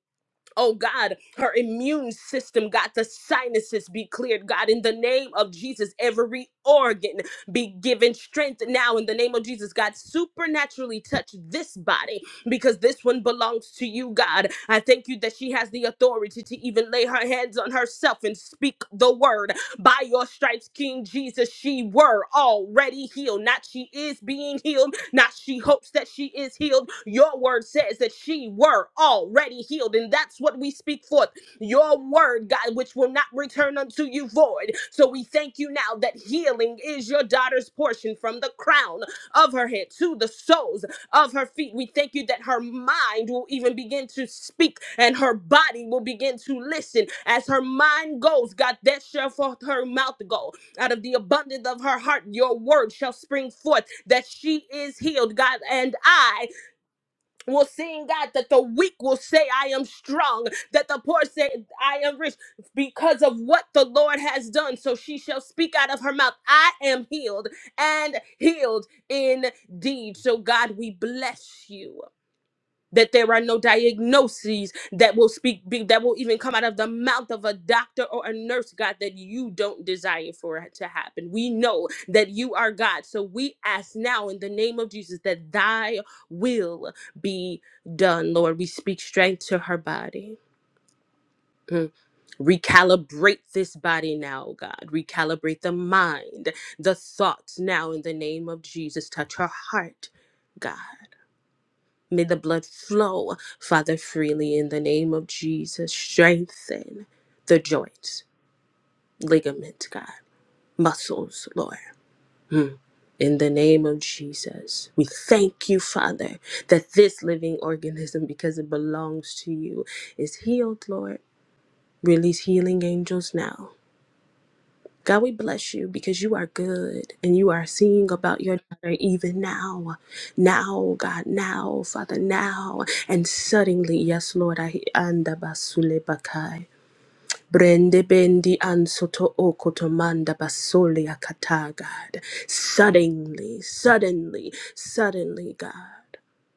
Speaker 6: Oh God, her immune system, God, the sinuses be cleared, God, in the name of Jesus. Every organ be given strength now in the name of Jesus, God. Supernaturally touch this body because this one belongs to you, God. I thank you that she has the authority to even lay her hands on herself and speak the word. By your stripes, King Jesus, she were already healed. Not she is being healed now she hopes that she is healed. Your word says that she were already healed, and that's what we speak forth. Your word, God, which will not return unto you void. So we thank you now that healing is your daughter's portion from the crown of her head to the soles of her feet. We thank you that her mind will even begin to speak and her body will begin to listen. As her mind goes, God, that shall forth her mouth go out of the abundance of her heart, your word shall spring forth that she is healed, God. And I will sing, God, that the weak will say, I am strong, that the poor say, I am rich, because of what the Lord has done. So she shall speak out of her mouth, I am healed and healed indeed. So, God, we bless you that there are no diagnoses that will speak be, that will even come out of the mouth of a doctor or a nurse god that you don't desire for it to happen we know that you are god so we ask now in the name of jesus that thy will be done lord we speak strength to her body Mm. Recalibrate this body now, God. Recalibrate the mind, the thoughts now in the name of Jesus. Touch her heart, God. May the blood flow, Father, freely in the name of Jesus. Strengthen the joints, ligament, God, muscles, Lord. In the name of Jesus, we thank you, Father, that this living organism, because it belongs to you, is healed, Lord. Release healing angels now God, we bless you because you are good and you are seeing about your daughter even now. Now, God, now, Father, now. And suddenly, yes, Lord, I anda basule bakai. Brende bendi ansoto okotomanda basole akata, God. Suddenly, suddenly, suddenly, God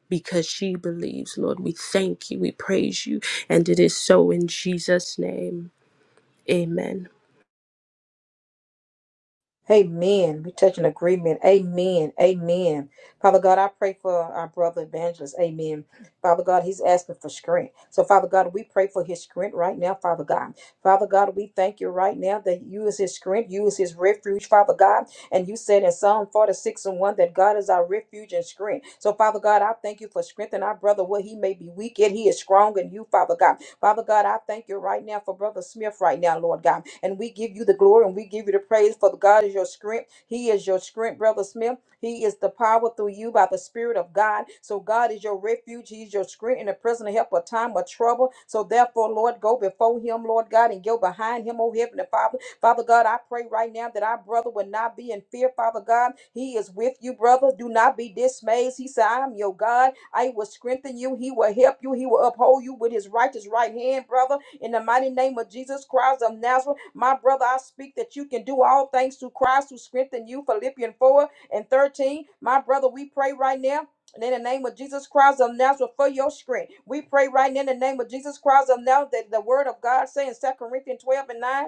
Speaker 6: because she believes, Lord. We thank you, we praise you, and it is so in Jesus' name. Amen.
Speaker 1: Amen. We touch an agreement. Amen. Amen. Father God, I pray for our brother evangelist. Amen. Father God, he's asking for strength. So, Father God, we pray for his strength right now, Father God. Father God, we thank you right now that you is his strength, you is his refuge, Father God. And you said in Psalm 46 and 1 that God is our refuge and strength. So, Father God, I thank you for strengthening our brother where he may be weak and he is strong in you, Father God. Father God, I thank you right now for Brother Smith right now, Lord God. And we give you the glory and we give you the praise for God is your strength. He is your strength, Brother Smith. He is the power through you by the Spirit of God. So God is your refuge. He's your strength in the present help of time of trouble. So therefore, Lord, go before him, Lord God, and go behind him, oh heavenly Father. Father God, I pray right now that our brother would not be in fear, Father God. He is with you, brother. Do not be dismayed. He said, I am your God. I will strengthen you. He will help you. He will uphold you with his righteous right hand, brother. In the mighty name of Jesus Christ of Nazareth, my brother, I speak that you can do all things through Christ who strengthen you. Philippians 4 and 13. My brother, we pray right now. And in the name of Jesus Christ of Nazareth, for your strength, we pray right now in the name of Jesus Christ of Nazareth that the word of God saying in Second Corinthians 12 and 9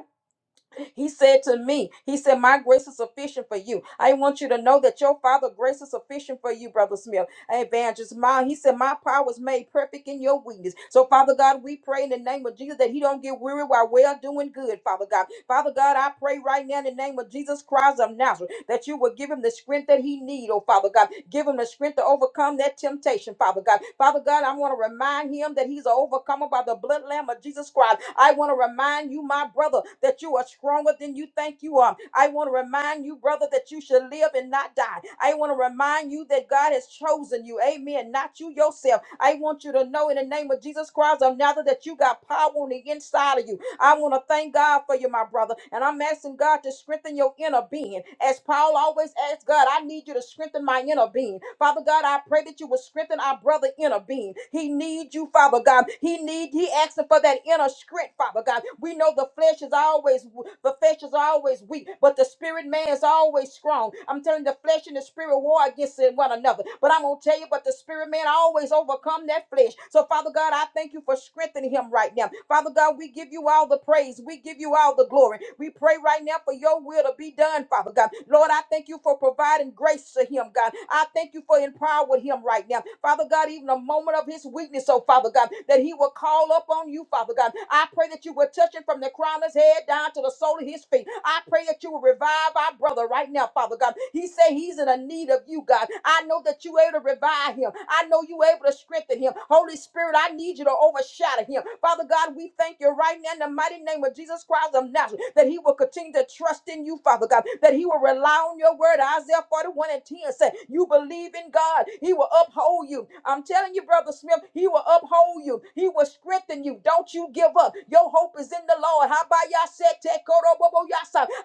Speaker 1: he said to me, He said, My grace is sufficient for you. I want you to know that your Father grace is sufficient for you, Brother Smith. Evangelist Mom. He said, My power was made perfect in your weakness. So, Father God, we pray in the name of Jesus that he don't get weary while well doing good, Father God. Father God, I pray right now in the name of Jesus Christ of Nazareth that you will give him the strength that he need, oh Father God. Give him the strength to overcome that temptation, Father God. Father God, I want to remind him that he's an overcomer by the blood lamb of Jesus Christ. I want to remind you, my brother, that you are stronger than you think you are. I want to remind you, brother, that you should live and not die. I want to remind you that believe that God has chosen you. Amen. Not you yourself. I want you to know in the name of Jesus Christ of Nazareth that you got power on the inside of you. I want to thank God for you, my brother. And I'm asking God to strengthen your inner being. As Paul always asks God, I need you to strengthen my inner being. Father God, I pray that you will strengthen our brother inner being. He needs you, Father God. He need he asking for that inner strength, Father God. We know the flesh is always the flesh is always weak, but the spirit man is always strong. I'm telling you, the flesh and the spirit spirit war against one another. But I'm going to tell you, but the spirit man always overcome that flesh. So, Father God, I thank you for strengthening him right now. Father God, we give you all the praise. We give you all the glory. We pray right now for your will to be done, Father God. Lord, I thank you for providing grace to him, God. I thank you for empowering him right now. Father God, even a moment of his weakness, oh Father God, that he will call up on you, Father God. I pray that you will touch him from the crown of his head down to the sole of his feet. I pray that you will revive our brother right now, Father God. He say he's in a need of you, God. I know that you able to revive him. I know you able to strengthen him. Holy Spirit, I need you to overshadow him. Father God, we thank you right now in the mighty name of Jesus Christ of Nazareth that he will continue to trust in you, Father God, that he will rely on your word. Isaiah 41 and 10 said, You believe in God, he will uphold you. I'm telling you, Brother Smith, he will uphold you. He will strengthen you. Don't you give up. Your hope is in the Lord. How about y'all said,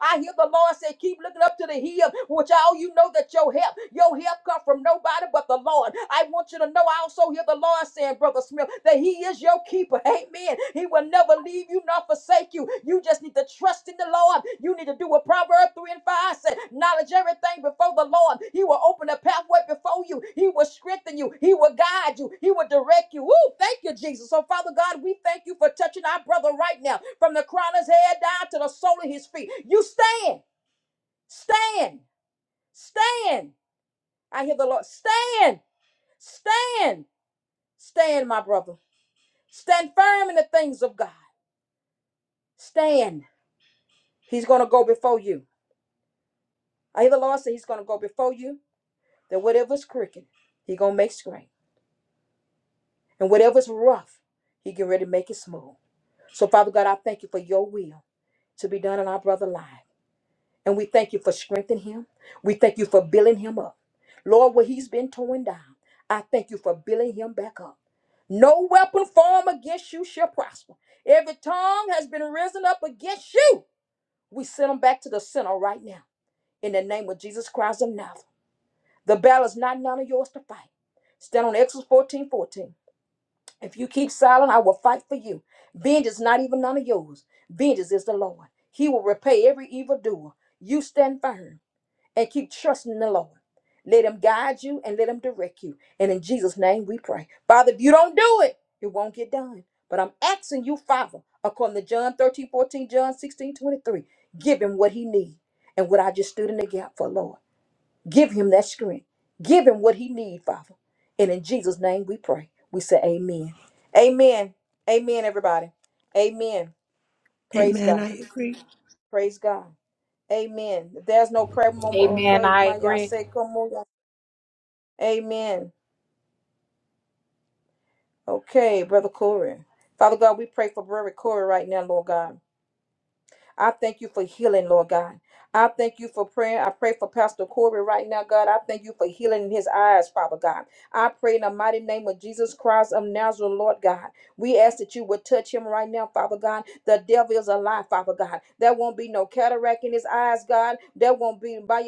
Speaker 1: I hear the Lord say, Keep looking up up to the hill, which all you know that your help, your help come from nobody but the Lord. I want you to know I also hear the Lord saying, Brother Smith, that He is your keeper. Amen. He will never leave you nor forsake you. You just need to trust in the Lord. You need to do what Proverbs 3 and 5 said. Knowledge everything before the Lord. He will open a pathway before you. He will strengthen you. He will guide you. He will direct you. Ooh, thank you, Jesus. So, Father God, we thank you for touching our brother right now from the crown of his head down to the sole of his feet. You stand. Stand, stand. I hear the Lord. Stand, stand, stand, my brother. Stand firm in the things of God. Stand. He's going to go before you. I hear the Lord say he's going to go before you. That whatever's crooked, he's going to make straight. And whatever's rough, he get ready to make it smooth. So, Father God, I thank you for your will to be done in our brother's life. And we thank you for strengthening him. We thank you for building him up. Lord, where he's been torn down, I thank you for building him back up. No weapon formed against you shall prosper. Every tongue has been risen up against you. We send them back to the center right now. In the name of Jesus Christ of Nazareth. The battle is not none of yours to fight. Stand on Exodus 14:14. If you keep silent, I will fight for you. Vengeance is not even none of yours. Vengeance is the Lord. He will repay every evildoer. You stand firm and keep trusting the Lord. Let Him guide you and let Him direct you. And in Jesus' name we pray. Father, if you don't do it, it won't get done. But I'm asking you, Father, according to John 13 14, John 16 23. give Him what He needs and what I just stood in the gap for, Lord. Give Him that strength. Give Him what He needs, Father. And in Jesus' name we pray. We say amen. Amen. Amen, everybody. Amen. Praise
Speaker 3: Amen.
Speaker 1: God.
Speaker 3: I agree.
Speaker 1: Praise God. Amen. If there's no prayer,
Speaker 2: Amen.
Speaker 1: okay,
Speaker 2: I
Speaker 1: my y'all
Speaker 2: agree.
Speaker 1: say, come on. y'all. Amen. Okay, Brother Corey. Father God, we pray for Brother Corey right now, Lord God. I thank you for healing, Lord God. I thank you for praying. I pray for Pastor Corey right now, God. I thank you for healing in his eyes, Father God. I pray in the mighty name of Jesus Christ of Nazareth, Lord God. We ask that you would touch him right now, Father God. The devil is a lie, Father God. There won't be no cataract in his eyes, God. There won't be by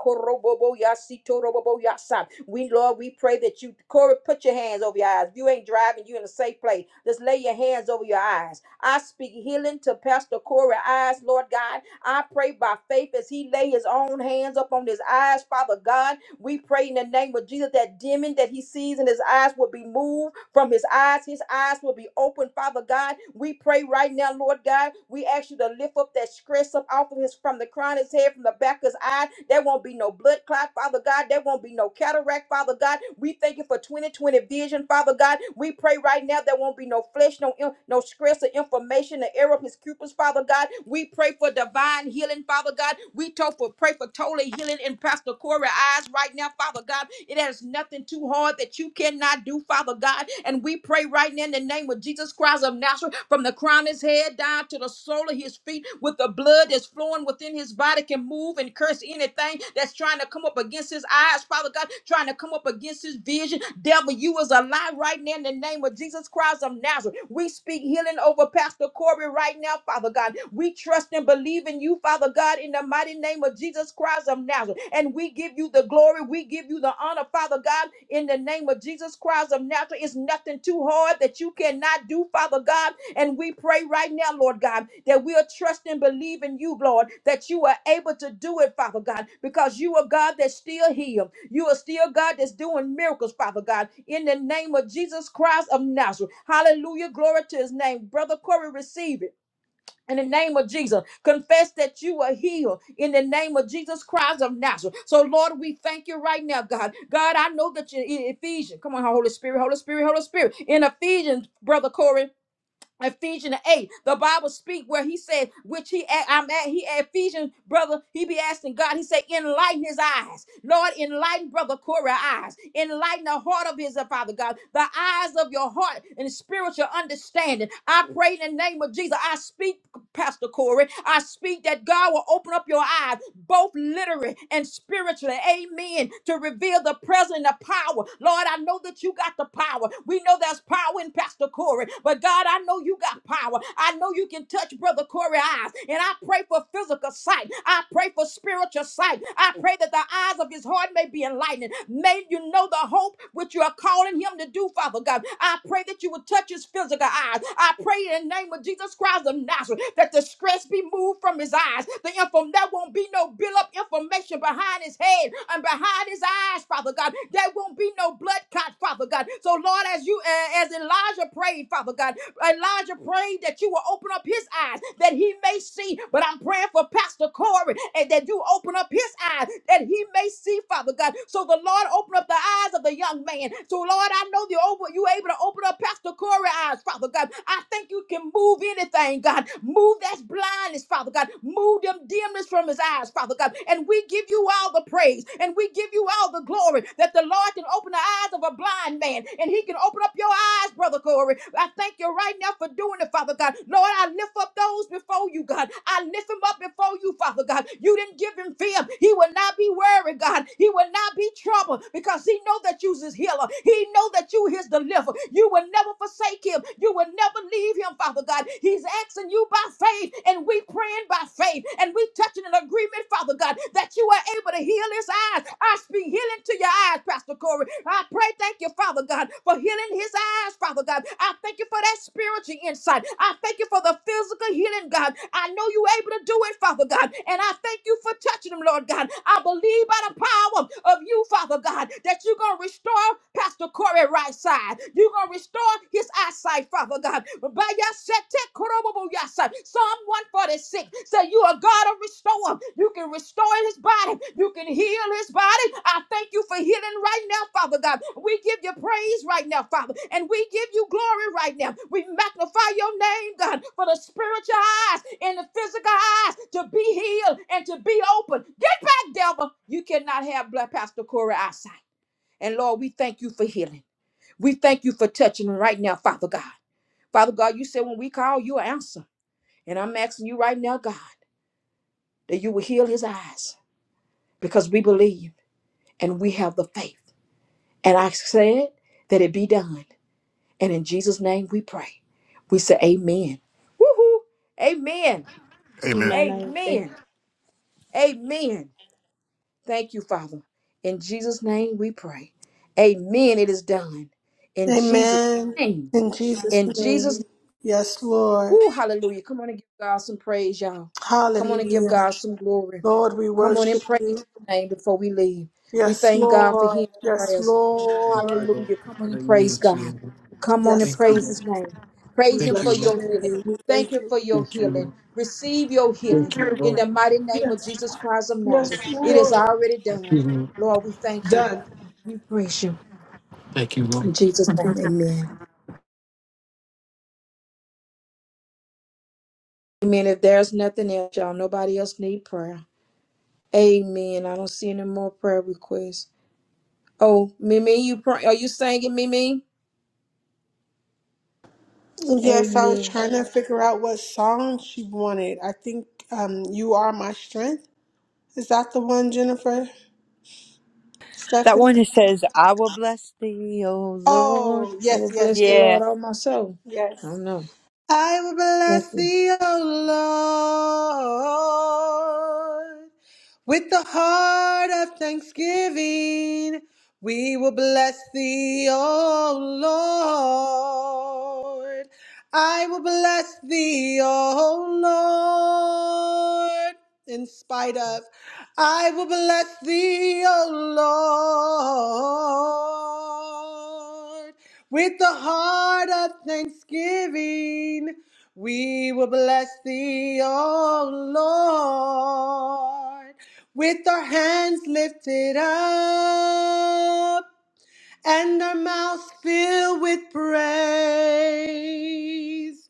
Speaker 1: korobobo yasito robobo yasa. We Lord, we pray that you Corey, put your hands over your eyes. If you ain't driving, you in a safe place. Just lay your hands over your eyes. I speak healing to Pastor Corey eyes, Lord God. I pray by faith as he lay his own hands up on his eyes, Father God. We pray in the name of Jesus that demon that he sees in his eyes will be moved from his eyes. His eyes will be open, Father God. We pray right now, Lord God. We ask you to lift up that stress up off of his from the crown of his head, from the back of his eye. There won't be no blood clot, Father God. There won't be no cataract, Father God. We thank you for 2020 vision, Father God. We pray right now there won't be no flesh, no in- no stress or information, the error of his pupils, Father God. We pray for divine healing, Father God. We told for pray for total healing in Pastor Corey eyes right now, Father God. It has nothing too hard that you cannot do, Father God. And we pray right now in the name of Jesus Christ of Nazareth, from the crown of his head down to the sole of his feet, with the blood that's flowing within his body, can move and curse anything that's trying to come up against his eyes, Father God, trying to come up against his vision. Devil, you is a lie right now in the name of Jesus Christ of Nazareth. We speak healing over Pastor Corey right now, Father God. We trust and believe in believe in you, Father God, in the mighty name of Jesus Christ of Nazareth. And we give you the glory. We give you the honor, Father God, in the name of Jesus Christ of Nazareth. It's nothing too hard that you cannot do, Father God. And we pray right now, Lord God, that we'll trust and believe in you, Lord, that you are able to do it, Father God, because you are God that's still here. You are still God that's doing miracles, Father God, in the name of Jesus Christ of Nazareth. Hallelujah. Glory to his name. Brother Corey, receive it in the name of Jesus. Confess that you are healed in the name of Jesus Christ of Nazareth. So, Lord, we thank you right now, God. God, I know that you in Ephesians. Come on, Holy Spirit, Holy Spirit, Holy Spirit. In Ephesians, Brother Corey. Ephesians 8, the Bible speak where he said, which he a- I'm at, he Ephesians, brother, he be asking God, he said, enlighten his eyes. Lord, enlighten brother Corey's eyes. Enlighten the heart of his, uh, Father God, the eyes of your heart and spiritual understanding. I pray in the name of Jesus, I speak, Pastor Corey, I speak that God will open up your eyes, both literally and spiritually, amen, to reveal the presence and the power. Lord, I know that that you got the power. We know there's power in Pastor Corey, but God, I know you got power. I know you can touch Brother Corey's eyes. And I pray for physical sight. I pray for spiritual sight. I pray that the eyes of his heart may be enlightened. May you know the hope which you are calling him to do, Father God. I pray that you would touch his physical eyes. I pray in the name of Jesus Christ of Nazareth that the stress be moved from his eyes. The inform there won't be no build up information behind his his head and behind his eyes, Father God. There won't be no blood clot, Father God. So, Lord, as you uh, as Elijah prayed, Father God, Elijah prayed that you will open up his eyes that he may see. But I'm praying for Pastor Corey and that you open up his eyes that he may see, Father God. So the Lord open up the eyes of the young man. So Lord, I know you over you able to open up Pastor Corey's eyes, Father God. I think you can move anything, God. Move that blindness, Father God. Move them dimness from his eyes, Father God. And we give you all the praise and we give you all the glory that the Lord can open the eyes of a blind man and he can open up your eyes, Brother Corey. I thank you right now for doing it, Father God. Lord, I lift up those before you, God. I lift them up before you, Father God. You didn't give him fear. He will not be worried, God. He will not be troubled because he know that you's his healer. He know that you his deliverer. You will never forsake him. You you will never leave him, Father God. He's asking you by faith, and we praying by faith, and we touching an agreement, Father God, that you are able to heal his eyes. I speak healing to your eyes, Pastor Corey. I pray, thank you, Father God, for healing his eyes, Father God. I thank you for that spiritual insight. I thank you for the physical healing, God. I know you're able to do it, Father God, and I thank you for touching him, Lord God. I believe by the power of you, Father God, that you're going to restore restore Pastor Corey right side. You're going to restore his eyesight, Father God. By your set, take Korobobo Yasa. Psalm 146 said, You are God of restore. You can restore his body. You can heal his body. I thank you for healing right now, Father God. We give you praise right now, Father, and we give you glory right now. We magnify your name, God, for the spiritual eyes and the physical eyes to be healed and to be open. Get back, devil. You cannot have blood, Pastor Corey eyesight. And Lord, we thank you for healing. We thank you for touching right now, Father God. Father God, you said when we call, you answer. And I'm asking you right now, God, that you will heal his eyes because we believe and we have the faith. And I said that it be done. And in Jesus' name we pray. We say amen. Woohoo. Amen.
Speaker 4: Amen.
Speaker 6: Amen. I agree.
Speaker 1: Amen. Amen. Thank you, Father. In Jesus' name we pray. Amen. It is done. In Jesus'
Speaker 3: Amen.
Speaker 1: name.
Speaker 3: In Jesus'
Speaker 1: In Jesus'
Speaker 3: name. Yes, Lord.
Speaker 1: Woo, hallelujah. Come on and give God some praise, y'all. Come on and give
Speaker 3: Hallelujah.
Speaker 1: God some glory.
Speaker 3: Lord, we
Speaker 1: Come on and
Speaker 3: worship
Speaker 1: praise
Speaker 3: you.
Speaker 1: his name before we leave. We
Speaker 3: Yes,
Speaker 1: thank God for
Speaker 3: Lord.
Speaker 1: hearing our
Speaker 3: Yes,
Speaker 1: prayers.
Speaker 4: thank you
Speaker 3: Lord.
Speaker 4: lord
Speaker 1: Hallelujah. Come on and
Speaker 4: hallelujah
Speaker 1: praise
Speaker 4: to
Speaker 1: God.
Speaker 4: you Lord.
Speaker 1: Come on and
Speaker 3: Yes,
Speaker 4: thank you
Speaker 3: God.
Speaker 1: praise
Speaker 4: lord
Speaker 1: his name.
Speaker 3: We
Speaker 1: Praise him
Speaker 4: thank you
Speaker 1: for
Speaker 3: bless your
Speaker 4: lord
Speaker 1: your healing.
Speaker 3: name. We
Speaker 1: Thank
Speaker 3: thank
Speaker 1: him
Speaker 3: you.
Speaker 1: for your
Speaker 4: thank
Speaker 1: healing. Receive your healing
Speaker 4: you
Speaker 1: in
Speaker 4: lord
Speaker 1: the mighty name of
Speaker 3: Yes.
Speaker 1: Jesus Christ of
Speaker 3: Yes,
Speaker 1: Nazareth. It is
Speaker 3: Lord.
Speaker 1: already
Speaker 4: thank you lord thank you
Speaker 1: done.
Speaker 4: lord
Speaker 1: Lord, we thank you.
Speaker 3: Done.
Speaker 1: We praise you.
Speaker 4: thank you
Speaker 1: In Jesus' name, amen. Amen.
Speaker 3: Yes, I was trying to figure out what song she wanted. I think um, You Are My Strength. Is that the one, Jennifer?
Speaker 7: That
Speaker 3: Stephanie?
Speaker 7: one that says, I will bless thee, O Lord.
Speaker 3: Oh, yes, yes, yes,
Speaker 7: yeah.
Speaker 3: yes. I will bless thee, O With the heart of thanksgiving, we will bless thee, O Lord. I will bless thee, O Lord, in spite of. I will bless thee, O Lord. With the heart of thanksgiving, we will bless thee, O Lord with our hands lifted up and our mouths filled with praise,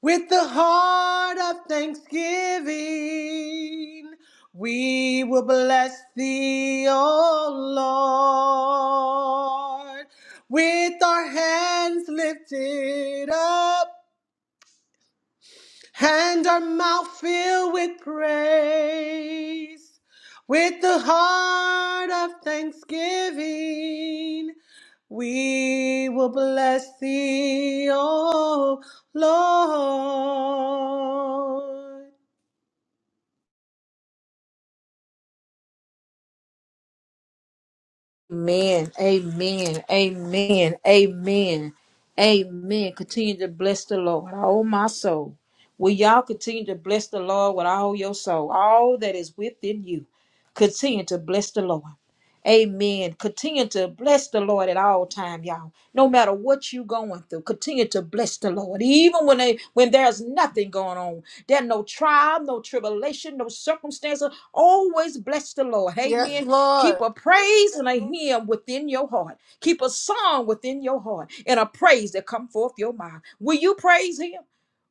Speaker 3: with the heart of thanksgiving, we will bless thee, O Lord, with our hands lifted up and our mouth filled with praise, with the heart of thanksgiving. We will bless thee, O Lord.
Speaker 1: Amen. Amen. Amen. Amen. Amen. Continue to bless the Lord, oh my soul. Will y'all continue to bless the Lord with all your soul, all that is within you? Continue to bless the Lord. Amen. Continue to bless the Lord at all time, y'all. No matter matter what you're going through, continue to bless the Lord. Even when they when there's nothing going on, there's no trial, no tribulation, no circumstances. Always bless the Lord.
Speaker 3: Yes,
Speaker 1: Amen. Keep
Speaker 3: Lord.
Speaker 1: a praise and a hymn within your heart. Keep a song within your heart and a praise that come forth your mouth. Will you praise him?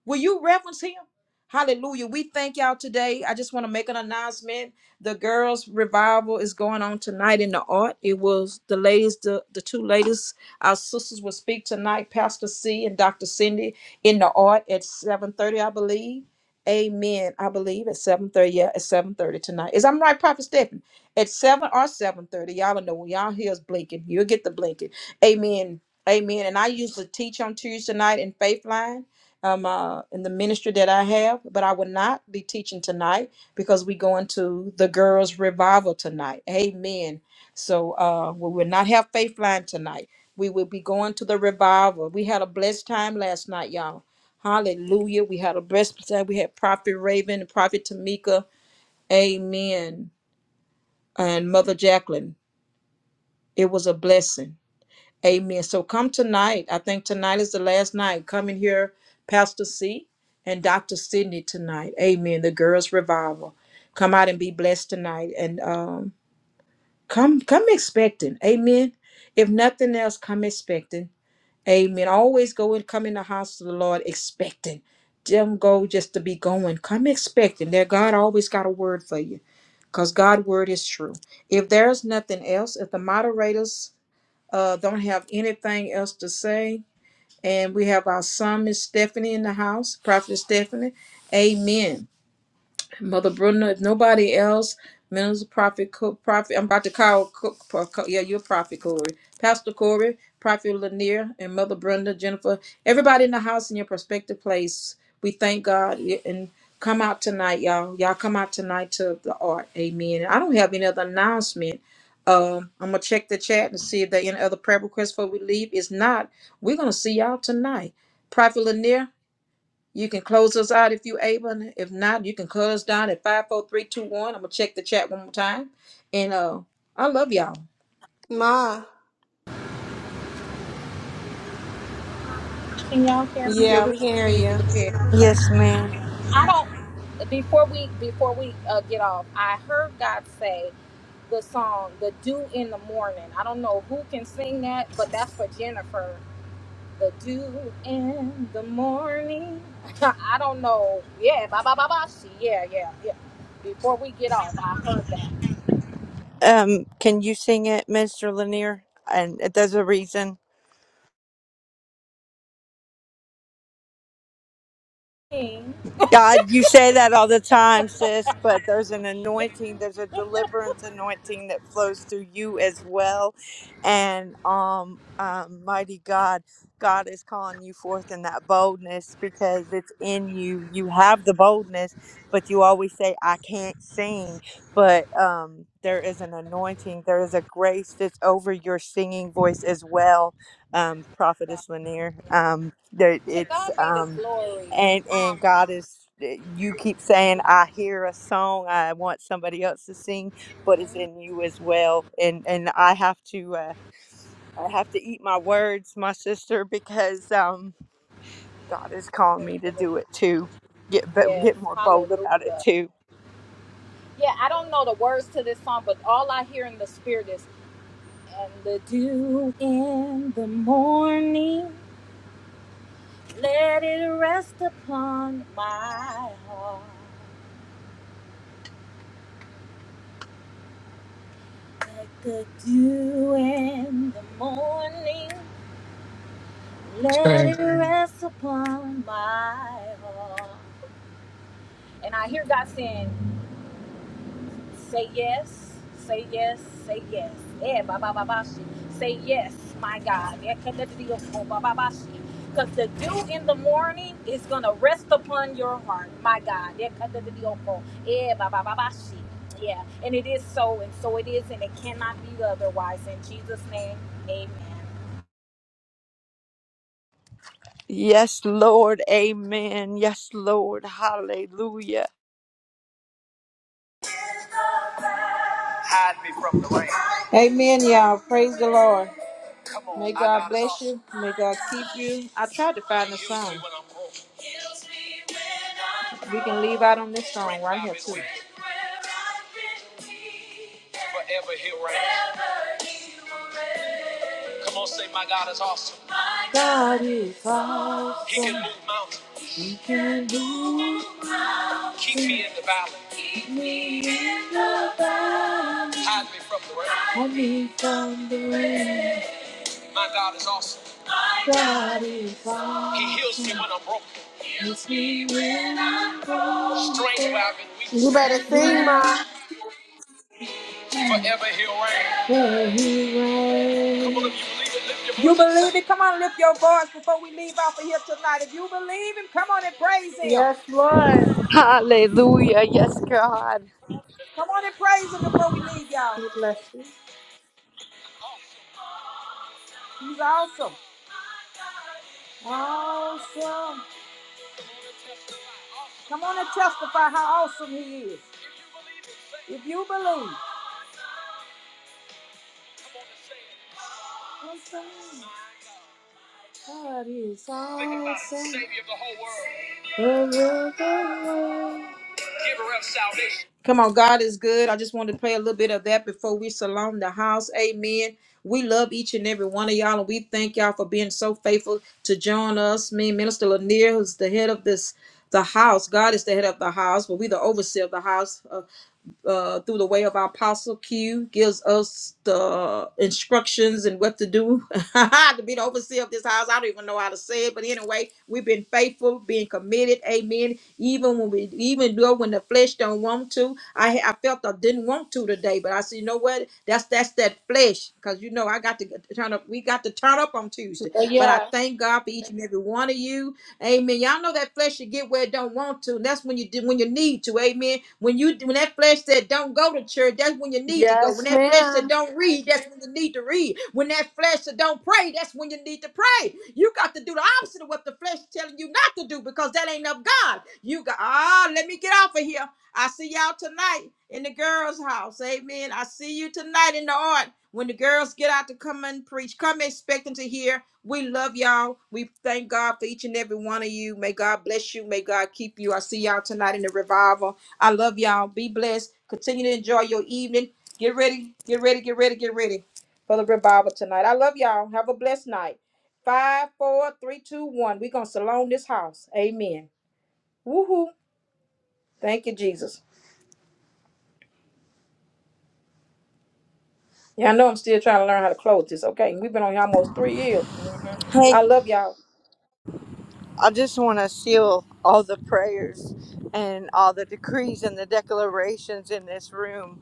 Speaker 1: Will you reverence him? Hallelujah. We thank y'all today. I just want to make an announcement. The girls' revival is going on tonight in the art. It was the ladies, the, the two ladies, our sisters will speak tonight, Pastor C and Dr. Cindy in the art at 7:30, I believe. Amen. I believe at 7:30. Yeah, at 7:30 tonight. Is I'm right, Prophet Stephen? At 7 or 7:30. Y'all know when y'all hears blinking, you'll get the blinking. Amen. Amen. And I usually teach on Tuesday night in Faith Line um, uh, in the ministry that I have, but I will not be teaching tonight because we go into the girls' revival tonight. Amen. So uh, we will not have faith line tonight. We will be going to the revival. We had a blessed time last night, y'all. Hallelujah. We had a blessed time. We had Prophet Raven and Prophet Tamika. Amen. And Mother Jacqueline. It was a blessing. Amen. So come tonight. I think tonight is the last night. Come in here, Pastor C and Dr. Sidney tonight. Amen. The girls' revival. Come out and be blessed tonight. And um, come come expecting. Amen. If nothing, Mother Bruna, if else. Minister Prophet, Co- Prophet, I'm about to call, Co- Pro- Co- yeah, you're Prophet Corey. Pastor Corey, Prophet Lanier, and Mother Brenda, Jennifer, everybody in the house in your prospective place. We thank God yeah, and come out tonight, y'all. Y'all come out tonight to the art. Amen. I don't have any other announcement. Um, I'm going to check the chat and see if there are any other prayer requests before we leave. It's not. We're going to see y'all tonight. Prophet Lanier, you can close us out if you're able. If not, you can cut us down at 543
Speaker 3: Ma,
Speaker 2: Can y'all hear me?
Speaker 3: yeah, we can hear you.
Speaker 7: Yes, ma'am.
Speaker 2: I don't. Before we before we uh, get off, I heard God say the song "The Dew in the Morning." I don't know who can sing that, but that's for Jennifer. The Dew in the Morning. I don't know. Yeah, ba ba ba ba. she- Yeah, yeah, yeah. Before we get off, I heard that.
Speaker 7: Um, can you sing it, Mr. Lanier? And uh, there's a reason.
Speaker 2: King,
Speaker 7: God, you say that all the time, sis, but there's an anointing, there's a deliverance anointing that flows through you as well. And um, um mighty God, God is calling you forth in that boldness because it's in you. You have the boldness, but you always say, I can't sing. But um there is an anointing, there is a grace that's over your singing voice as well, um, Prophetess Lanier. Um there
Speaker 2: To
Speaker 7: it's
Speaker 2: God be the
Speaker 7: um
Speaker 2: glory.
Speaker 7: and
Speaker 2: Um,
Speaker 7: and God is uh, you keep saying I hear a song I want somebody else to sing but it's in you as well and and I have to uh I have to eat my words my sister because um God is
Speaker 2: yes,
Speaker 7: calling
Speaker 2: Thank
Speaker 7: me to
Speaker 2: you, Lord.
Speaker 7: do it too get b-
Speaker 2: Yes,
Speaker 7: get more bold about it
Speaker 2: hallelujah.
Speaker 7: too
Speaker 2: Yeah, I don't know the words to this song, but all I hear in the spirit is and the dew in the morning, let it rest upon my heart. Like the dew in the morning, let
Speaker 4: lord
Speaker 2: it rest upon my heart. And I hear God saying, Say yes, say yes, say yes. Yeah, ba ba ba ba shi. Say yes, my God. Yeah, connected to your soul, ba ba ba shi. Cause the dew in the morning is gonna rest upon your heart, my God. Yeah, connected to your soul. Yeah, ba ba ba ba shi. Yeah, and it is so, and so it is, and it cannot be otherwise. In Jesus' name, Amen.
Speaker 7: yes lord amen yes lord hallelujah
Speaker 1: Hide me from the rain. Amen, y'all. Praise the Lord. Come on, May I God got a bless song. you. May God keep you. I tried to find a song. We can leave out on this song right here, too. Forever he'll reign. Come on, say my God is awesome. He can move mountains. Keep me in the valley. Hide me from the rain. My God is awesome. He heals me when I'm broken. Strength where I've been weak.
Speaker 3: You better sing, Ma.
Speaker 1: Forever he'll reign. You believe it? Come on, lift your voice before we leave off of here tonight. If you believe him, come on and praise him.
Speaker 3: Yes, Lord.
Speaker 7: hallelujah yes god
Speaker 1: Come on and praise him before we leave, y'all.
Speaker 3: We bless you.
Speaker 1: He's awesome. Awesome. Come on and testify how awesome he is. If you believe. Awesome. God is awesome. Think about it. Savior of the whole world. The world, the world. giver of salvation. Come on, God is good. I just wanted to play a little bit of that before we salon the house. Amen. We love each and every one of y'all, and we thank y'all for being so faithful to join us. Me, and Minister Lanier, who's the head of this the house. God is the head of the house, but we the overseer of the house. Uh, uh, through the way of our apostle Q, gives us the instructions and what to do to be the overseer of this house. I don't even know how to say it, but anyway, we've been faithful, being committed. Amen. Even when we, even though when the flesh don't want to, I I felt I didn't want to today, but I said, you know what? That's that's that flesh, because you know I got to get- turn up. We got to turn up on Tuesday changed. But I
Speaker 3: Yeah.
Speaker 1: thank God for each and every one of you. Amen. Y'all know that flesh should get where it don't want to. And that's when you do when you need to. Amen. When you when that flesh said don't go to church, that's when you need to go.
Speaker 3: Yes,
Speaker 1: When that flesh
Speaker 3: ma'am.
Speaker 1: said don't read, that's when you need to read. When that flesh said don't pray, that's when you need to pray. You got to do the opposite of what the flesh telling you not to do because that ain't of God. You got ah, let me get off of here. I see y'all tonight in the girls' house. Amen. I see you tonight in the art. When the girls get out to come and preach, come expecting to hear. We love y'all. We thank God for each and every one of you. May God bless you. May God keep you. I see y'all tonight in the revival. I love y'all. Be blessed. Continue to enjoy your evening. Get ready. Get ready. Get ready. Get ready for the revival tonight. I love y'all. Have a blessed night. Five, four, three, two, one. We're going to salon this house. Amen. Woohoo. Thank you, Jesus. Yeah, I know I'm still trying to learn how to close this. Okay, we've been on here almost three years. hmm I love y'all.
Speaker 7: I just want to seal all the prayers and all the decrees and the declarations in this room.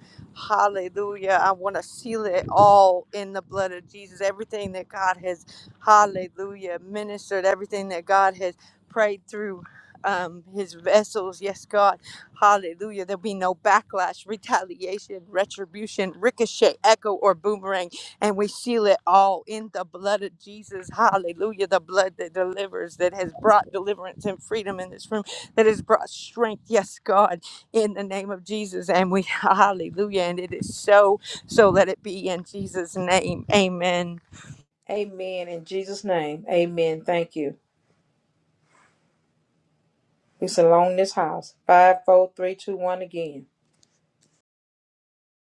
Speaker 7: Hallelujah. I want to seal it all in the blood of Jesus. Everything that God has, hallelujah, ministered, everything that God has prayed through um, his vessels. Yes, God. Hallelujah. There'll be no backlash, retaliation, retribution, ricochet, echo, or boomerang and we seal it all in the blood of Jesus. Hallelujah. The blood that delivers, that has brought deliverance and freedom in this room, that has brought strength. Yes, God, in the name of Jesus. And we, hallelujah. And it is so, so let it be in Jesus' name. Amen.
Speaker 1: Amen. In Jesus' name, amen. Thank you. It's alone this house. Five, four, three, two, one again.